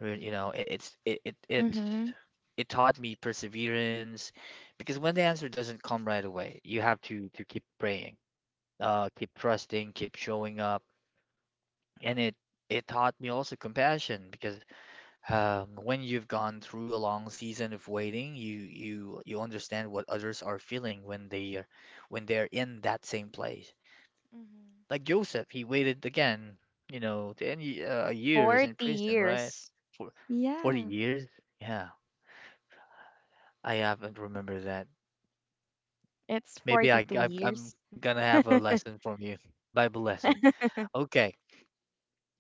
S1: re- You know, it, it's it, it it
S2: Mm-hmm.
S1: it taught me perseverance because when the answer doesn't come right away, you have to to keep praying, uh, keep trusting, keep showing up, and it it taught me also compassion because um, when you've gone through a long season of waiting, you you you understand what others are feeling when they are when they're in that same place.
S2: Mm-hmm.
S1: Like Joseph, he waited again, you know, ten ye- uh, years in
S2: forty
S1: prison, right?
S2: years.
S1: For forty
S2: Yeah,
S1: years? Yeah, I haven't remember that.
S2: it's
S1: Maybe I,
S2: forty-two
S1: I I'm
S2: years.
S1: gonna have a lesson from you, Bible lesson. Okay,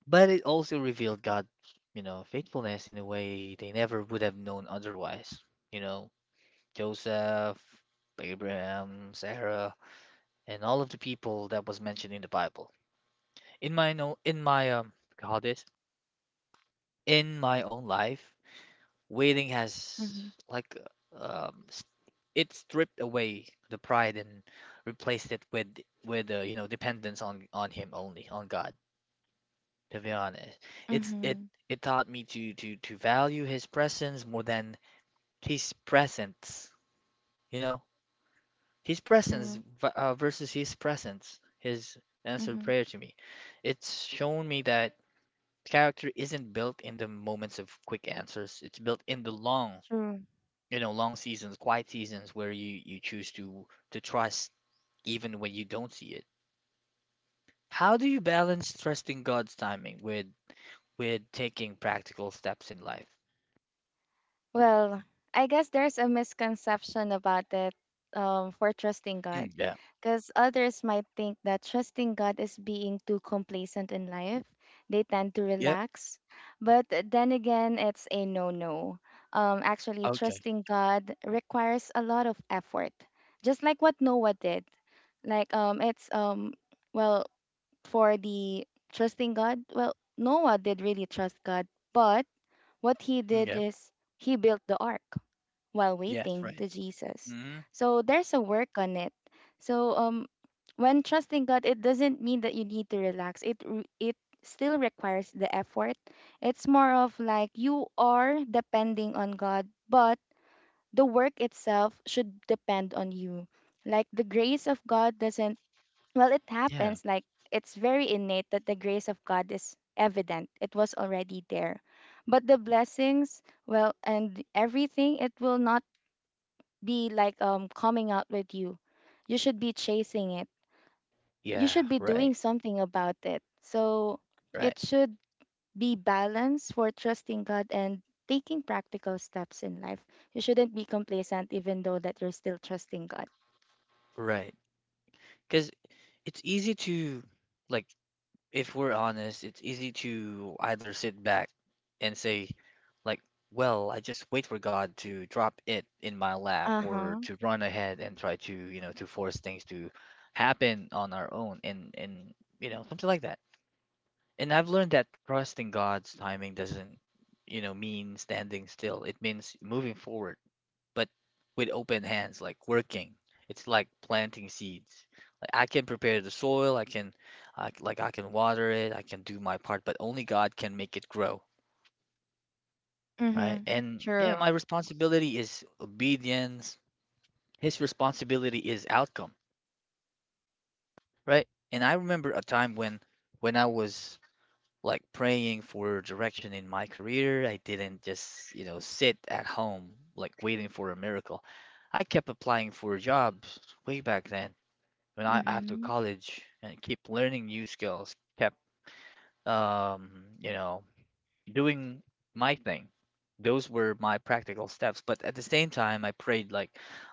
S1: but it also revealed God, you know, faithfulness in a way they never would have known otherwise. You know, Joseph, Abraham, Sarah, and all of the people that was mentioned in the Bible. In my no, in my um, God is In my own life, waiting has
S2: mm-hmm.
S1: like um, s- it stripped away the pride and replaced it with with uh, you know dependence on on him, only on God. To be honest, it's it
S2: Mm-hmm.
S1: it taught me to to to value his presence more than his presence. You know, his presence
S2: True.
S1: v- uh, versus his presence. His answered
S2: Mm-hmm.
S1: prayer to me. It's shown me that character isn't built in the moments of quick answers. It's built in the long,
S2: True.
S1: you know, long seasons, quiet seasons where you you choose to to trust even when you don't see it. How do you balance trusting God's timing with with taking practical steps in life?
S2: Well, I guess there's a misconception about it, um, for trusting
S1: Mm,
S2: God.
S1: yeah.
S2: Because others might think that trusting God is being too complacent in life. They tend to
S1: Yeah.
S2: relax. But then again, it's a no no. Um, actually,
S1: Okay.
S2: trusting God requires a lot of effort, just like what Noah did. Like, um, it's, um, well, for the trusting God, well, Noah did really trust God, but what he
S1: Mm,
S2: did
S1: yeah.
S2: is he built the ark while
S1: Yes,
S2: waiting
S1: right.
S2: to Jesus.
S1: Hmm.
S2: So there's a work on it. So um when trusting God, it doesn't mean that you need to relax. It re- it still requires the effort. It's more of like you are depending on God, but the work itself should depend on you. Like the grace of God doesn't, well, it
S1: Yeah.
S2: happens like it's very innate that the grace of God is evident. It was already there. But the blessings, well, and everything, it will not be like um coming out with you. You should be chasing it. You
S1: Yeah.
S2: should be
S1: Right.
S2: doing something about it. So
S1: Right,
S2: it should be balanced for trusting God and taking practical steps in life. You shouldn't be complacent even though that you're still trusting God.
S1: right. Because it's easy to, like, if we're honest, it's easy to either sit back and say, like, well, I just wait for God to drop it in my lap, or
S2: Uh-huh.
S1: to run ahead and try to, you know, to force things to happen on our own, and and you know, something like that. And I've learned that trusting God's timing doesn't, you know, mean standing still. It means moving forward, but with open hands, like working. It's like planting seeds. Like, I can prepare the soil, I can I, like I can water it, I can do my part, but only God can make it grow. Right.
S2: Mm-hmm.
S1: And yeah,
S2: True.
S1: my responsibility is obedience. His responsibility is outcome, right? And I remember a time when when I was like praying for direction in my career. I didn't just, you know, sit at home like waiting for a miracle. I kept applying for jobs way back then when I after
S2: Mm-hmm.
S1: college and keep learning new skills, kept um, you know, doing my thing. Those were my practical steps. But at the same time, I prayed, like,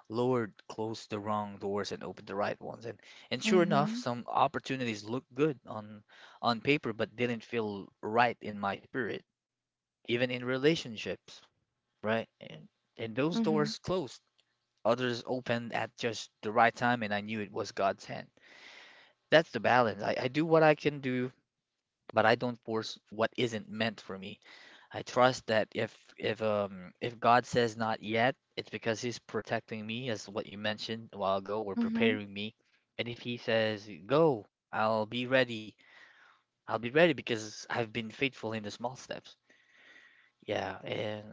S1: Lord, close the wrong doors and open the right ones. And and sure enough,
S2: Mm-hmm.
S1: some opportunities looked good on on paper, but didn't feel right in my spirit, even in relationships, right? And and those
S2: Mhm.
S1: doors closed. Others opened at just the right time, and I knew it was God's hand. That's the balance. I, I do what I can do, but I don't force what isn't meant for me. I trust that if if um if God says not yet, it's because He's protecting me, as what you mentioned a while ago, or
S2: Mhm.
S1: preparing me. And if He says go, I'll be ready. I'll be ready because I've been faithful in the small steps. Yeah, and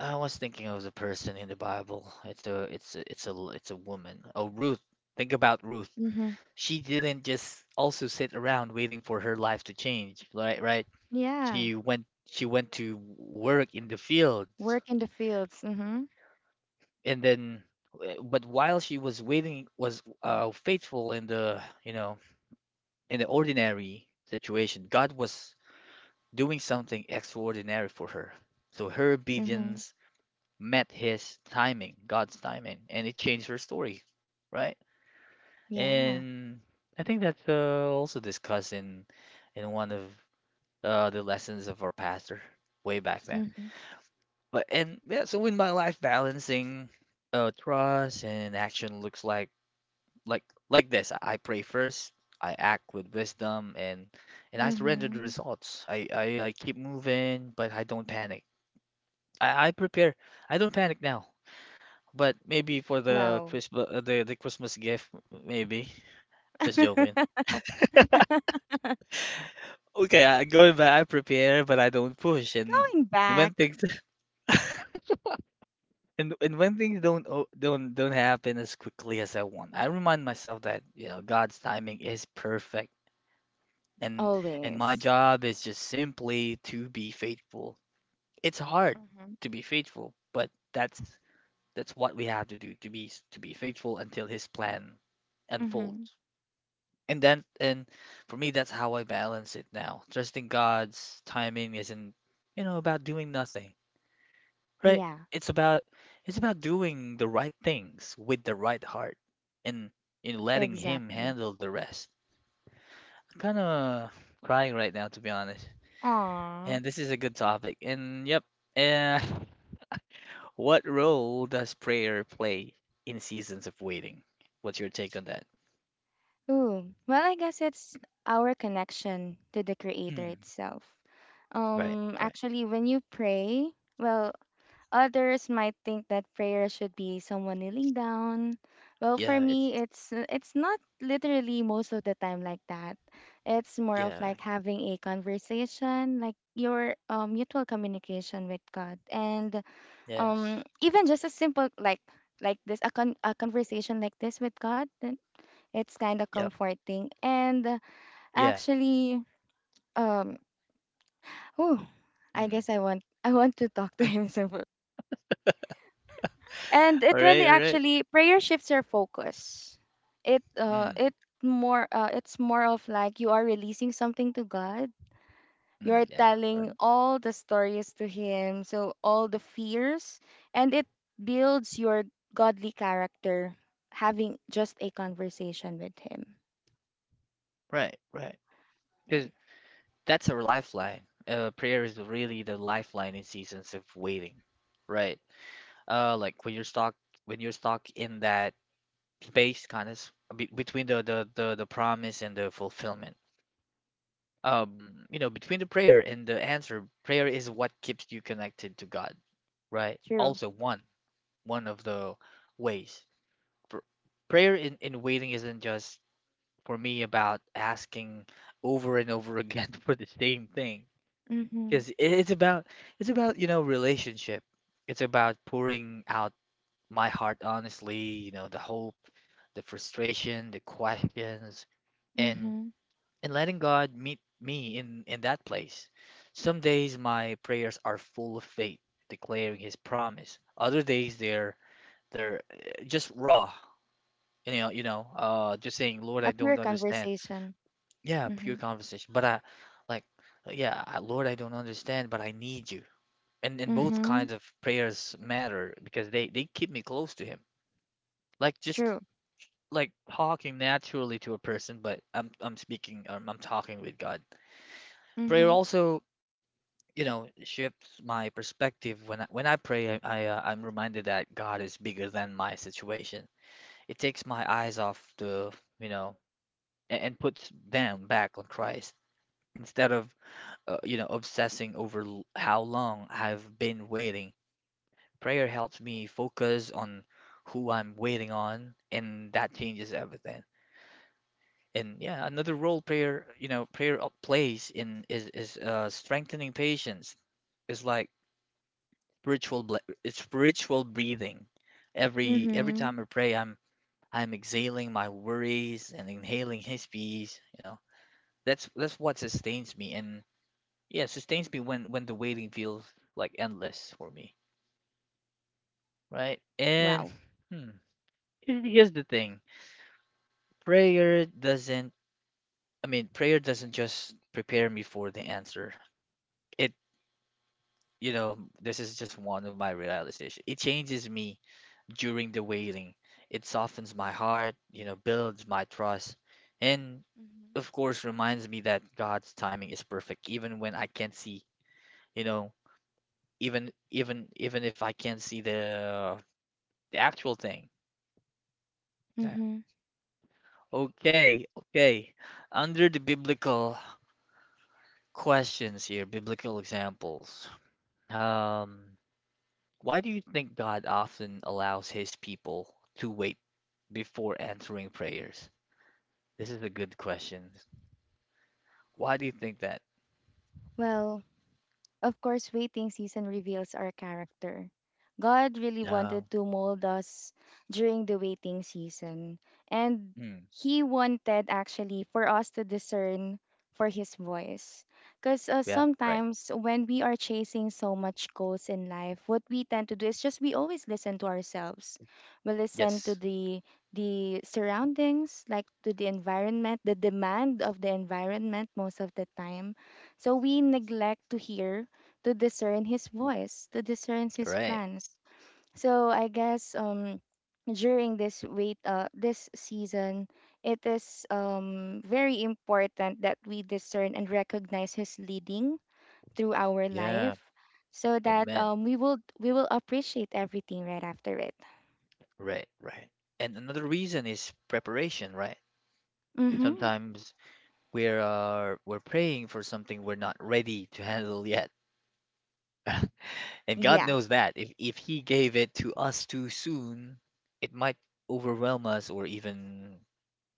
S1: I was thinking of the person in the Bible. It's a it's a it's a it's a woman. Oh, Ruth. Think about Ruth.
S2: Mhm.
S1: She didn't just also sit around waiting for her life to change, right? Right?
S2: Yeah.
S1: She went she went to work in the field,
S2: Work in the fields. Mhm.
S1: and then uh, but while she was waiting was uh, faithful in the, you know in the ordinary situation. God was doing something extraordinary for her. So her
S2: Mhm.
S1: obedience met his timing, God's timing, and it changed her story, right?
S2: Yeah.
S1: And I think that's uh, also discussed in in one of uh, the lessons of our pastor way back then.
S2: Mhm.
S1: But and yeah, so in my life, balancing uh, trust and action looks like, like like this: I pray first, I act with wisdom, and and I surrender the
S2: Mhm.
S1: results. I i, I keep moving, but I don't panic. I, I prepare, I don't panic now, but maybe for the
S2: Wow.
S1: Christmas, the, the Christmas gift, maybe. Just joking. Okay, I going back, I prepare, but I don't push. and
S2: Going
S1: and
S2: back
S1: when things and and when things don't o- don't don't happen as quickly as I want, I remind myself that, you know, God's timing is perfect, and and my
S2: always.
S1: job is just simply to be faithful. It's hard
S2: Mhm.
S1: to be faithful, but that's that's what we have to do, to be to be faithful until his plan
S2: Mhm.
S1: unfolds. And then and for me, that's how I balance it now. Trusting God's timing isn't, you know, about doing nothing, right?
S2: Yeah.
S1: It's about it's about doing the right things with the right heart, and in letting him
S2: Exactly.
S1: handle the rest. I'm kind of crying right now, to be honest.
S2: Aw.
S1: And this is a good topic. And yep, uh, what role does prayer play in seasons of waiting? What's your take on that?
S2: Ooh. Well, I guess it's our connection to the creator
S1: Mm,
S2: itself.
S1: right,
S2: Um
S1: right.
S2: actually when you pray, well, others might think that prayer should be someone kneeling down. Well, for
S1: Yeah, it's
S2: me, it's it's not literally most of the time like that. It's more of
S1: yeah,
S2: like having a conversation, like your um, mutual communication with God, and
S1: yes,
S2: um, even just a simple like like this a, con- a conversation like this with God. Then it's kind of
S1: yep,
S2: comforting, and uh,
S1: yeah.
S2: actually, um, oh, I
S1: Mm.
S2: guess I want I want to talk to him, and
S1: All
S2: it
S1: right,
S2: really
S1: all right.
S2: actually prayer shifts your focus. it uh
S1: Mm,
S2: it more uh, it's more of like you are releasing something to God,
S1: mm,
S2: you're
S1: yeah, right,
S2: telling all the stories to him, so all the fears. And it builds your godly character having just a conversation with him.
S1: right, right. Because that's our lifeline. Uh, prayer is really the lifeline in seasons of waiting, right? Uh, like when you're stuck, when you're stuck in that space, kind of be- between the, the the the promise and the fulfillment, um you know, between the prayer and the answer, prayer is what keeps you connected to God, right?
S2: True.
S1: Also, one one of the ways, Pr- prayer in in waiting isn't just for me about asking over and over again for the same thing,
S2: Mhm.
S1: because it's about it's about, you know, relationship. It's about pouring out my heart honestly, you know, the hope, the frustration, the questions, and
S2: Mhm.
S1: and letting God meet me in in that place. Some days my prayers are full of faith, declaring His promise. Other days they're they're uh, just raw, you know, you know, uh, just saying, Lord,
S2: A
S1: I
S2: pure
S1: don't understand.
S2: conversation.
S1: Yeah, pure
S2: Mhm.
S1: conversation. But I like, yeah, I- Lord, I don't understand, but I need you. And and both
S2: Mhm.
S1: kinds of prayers matter because they they keep me close to Him. Like, just
S2: True.
S1: like talking naturally to a person, but I'm I'm speaking, um, I'm talking with God. Prayer
S2: Mhm.
S1: also, you know, shifts my perspective. When I, when I pray, I, I uh, I'm reminded that God is bigger than my situation. It takes my eyes off the, you know, and, and puts them back on Christ, instead of uh, you know, obsessing over l- how long I've been waiting. Prayer helps me focus on who I'm waiting on, and that changes everything. And yeah, another role prayer, you know, prayer uh, plays in is is uh, strengthening patience. It's like spiritual ble- it's spiritual breathing. Every every
S2: Mhm.
S1: time I pray, I'm I'm exhaling my worries and inhaling His peace. You know, that's that's what sustains me, and yeah, sustains me when when the waiting feels like endless for me, right? And
S2: Wow.
S1: hmm, here- here's the thing: prayer doesn't. I mean, prayer doesn't just prepare me for the answer. It, you know, this is just one of my realizations. It changes me during the waiting. It softens my heart, you know, builds my trust, and
S2: Mhm.
S1: of course reminds me that God's timing is perfect, even when I can't see, you know, even even even if I can't see the the actual thing. Yeah.
S2: Mhm.
S1: Okay, okay. Under the biblical questions here, biblical examples. Um, why do you think God often allows his people to wait before answering prayers? This is a good question. Why do you think that?
S2: Well, of course, waiting season reveals our character. God really
S1: Uh,
S2: wanted to mold us during the waiting season, and
S1: mm,
S2: He wanted actually for us to discern for His voice. Because uh,
S1: yeah, right.
S2: sometimes when we are chasing so much goals in life, what we tend to do is just we always listen to ourselves. We listen to
S1: Yes,
S2: the the surroundings, like to the environment, the demand of the environment most of the time. So we neglect to hear to discern his voice, to discern his
S1: right.
S2: plans. So I guess um during this wait uh this season it is um very important that we discern and recognize his leading through our
S1: Yeah,
S2: life, so that
S1: amen.
S2: um we will we will appreciate everything right after it.
S1: Right, right. And another reason is preparation, right?
S2: Mhm.
S1: Sometimes we are we're praying for something we're not ready to handle yet. And God
S2: Yeah.
S1: knows that if if he gave it to us too soon, it might overwhelm us or even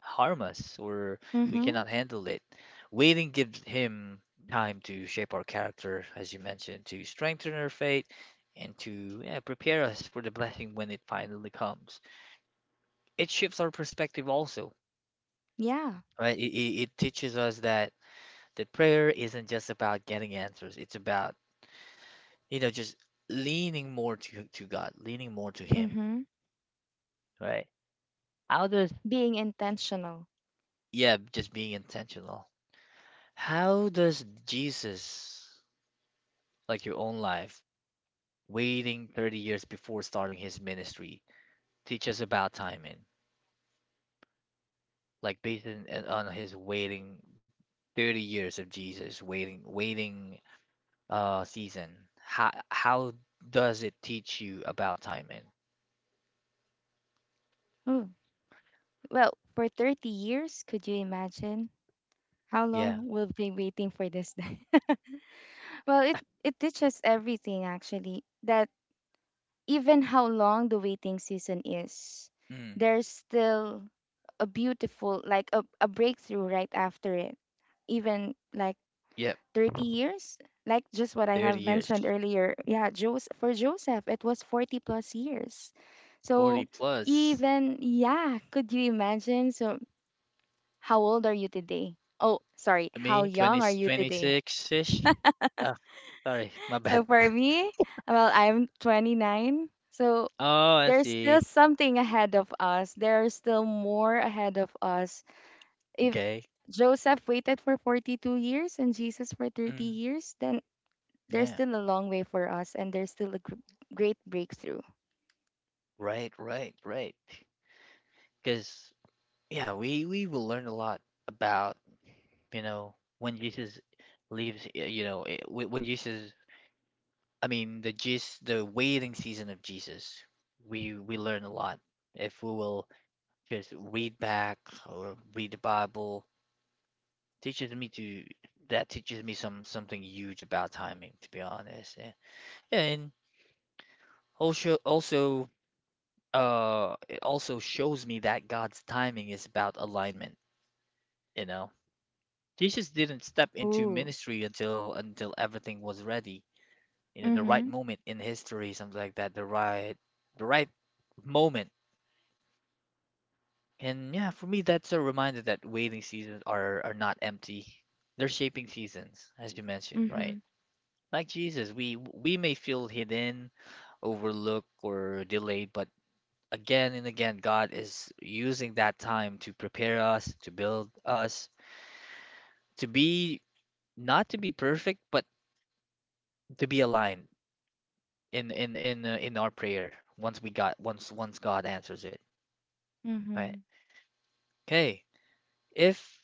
S1: harm us, or we
S2: Mhm.
S1: cannot handle it. Waiting gives him time to shape our character, as you mentioned, to strengthen our faith, and to yeah, prepare us for the blessing when it finally comes. It shifts our perspective also,
S2: Yeah.
S1: right? It, it, it teaches us that that prayer isn't just about getting answers. It's about, you know, just leaning more to, to God, leaning more to Him,
S2: Mhm.
S1: right? How does,
S2: Being intentional.
S1: yeah, just being intentional. How does Jesus, like your own life, waiting thirty years before starting his ministry, teach us about timing, like based in, on his waiting thirty years of Jesus, waiting waiting uh season. How how does it teach you about timing?
S2: Oh. Well, for thirty years, could you imagine? How
S1: Yeah.
S2: long will be waiting for this day? well, it it teaches everything actually that even how long the waiting season is,
S1: Mm,
S2: there's still a beautiful like a, a breakthrough right after it. Even like
S1: yep,
S2: thirty years, like just what I
S1: thirty
S2: have
S1: years.
S2: mentioned earlier. Yeah, Joseph for Joseph, it was forty plus years. So
S1: forty plus.
S2: even yeah, could you imagine? So how old are you today? Oh, sorry, how
S1: Me,
S2: young
S1: twenty
S2: are you
S1: twenty
S2: today?
S1: six ish. Oh, sorry, my bad.
S2: So for me, well, I'm twenty-nine. So
S1: Oh, I
S2: there's
S1: see.
S2: still something ahead of us. There's still more ahead of us. If
S1: Okay.
S2: Joseph waited for forty-two years and Jesus for
S1: Mm,
S2: thirty years, then there's
S1: yeah.
S2: still a long way for us and there's still a gr- great breakthrough.
S1: Right, right, right. Because Yeah, we we will learn a lot about, you know, when Jesus leaves. Y- you know, eh, wh- when Jesus, I mean, the Jesus, the waiting season of Jesus. We we learn a lot if we will just read back or read the Bible. Teaches me to That teaches me some something huge about timing, to be honest. Eh, Yeah, and also also uh it also shows me that God's timing is about alignment, you know. Jesus didn't step into
S2: Ooh.
S1: ministry until until everything was ready. You know, the right
S2: Mhm.
S1: moment in history, something like that, the right the right moment. And yeah, for me that's a reminder that waiting seasons are are not empty. They're shaping seasons, as you mentioned, right?
S2: Mhm.
S1: Like Jesus, we we may feel hidden, overlooked, or delayed, but again and again, God is using that time to prepare us, to build us, to be not to be perfect, but to be aligned in in in uh, in our prayer once we got once once God answers it, right?
S2: Mhm.
S1: Okay, if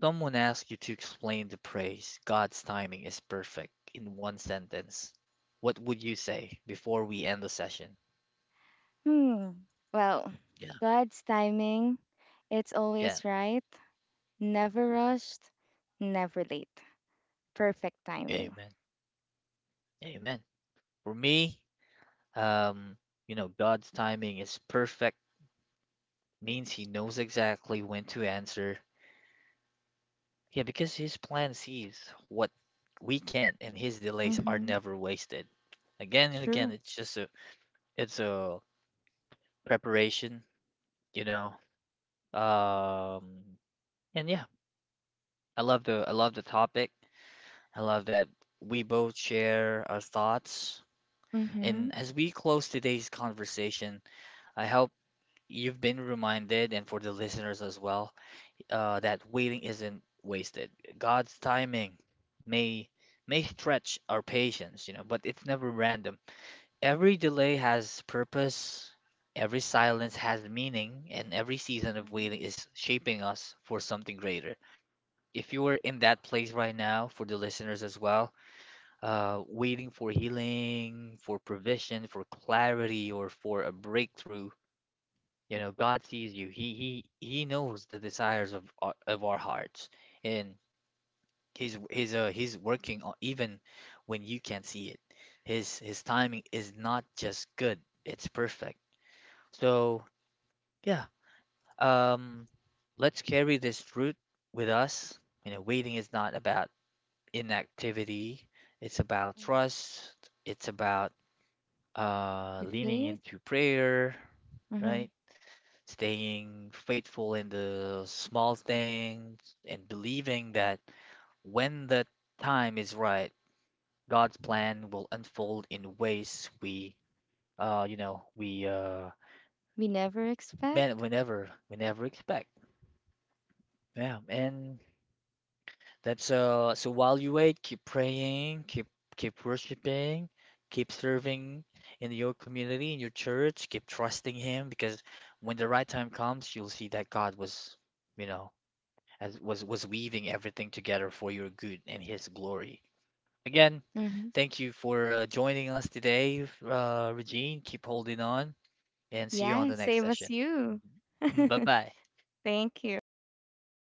S1: someone asks you to explain the praise, God's timing is perfect in one sentence. What would you say before we end the session?
S2: Hmm. Well,
S1: Yeah,
S2: God's timing, it's
S1: yeah,
S2: always right, never rushed, never late. Perfect timing.
S1: amen, amen. For me, um, you know, God's timing is perfect means He knows exactly when to answer. Yeah, because His plan sees what we can't, and His delays are
S2: Mhm.
S1: never wasted. Again and again,
S2: True.
S1: it's just a it's a preparation. you know um and yeah, i love the i love the topic. I love that we both share our thoughts.
S2: Mm-hmm.
S1: And as we close today's conversation, I hope you've been reminded, and for the listeners as well, uh, that waiting isn't wasted. God's timing may may stretch our patience you know but it's never random. Every delay has purpose, every silence has meaning, and every season of
S2: Mhm.
S1: waiting is shaping us for something greater. If you were in that place right now, for the listeners as well, uh, waiting for healing, for provision, for clarity, or for a breakthrough. you know, God sees you. He he he knows the desires of our, of our hearts, and he's he's uh he's working on, even when you can't see it. His his timing is not just good; it's perfect. So, yeah, um, let's carry this route with us. You know, waiting is not about inactivity, it's about
S2: Mhm.
S1: trust, it's about uh,
S2: The
S1: leaning
S2: faith.
S1: into prayer,
S2: Mm-hmm.
S1: right? Staying faithful in the small things and believing that when the time is right, God's plan will unfold in ways we, uh, you know, we, uh,
S2: We never
S1: man,
S2: expect.
S1: we never, we never expect. Yeah, and That's uh so while you wait, keep praying, keep keep worshiping, keep serving in your community, in your church, keep trusting him, because when the right time comes, you'll see that God was, you know, as was was weaving everything together for your good and his glory. Again,
S2: Mm-hmm.
S1: thank you for uh, joining us today, uh, Regine. Keep holding on and see you on
S2: Yeah,
S1: the next
S2: same as
S1: session.
S2: you.
S1: Mhm. Bye-bye.
S2: Thank you.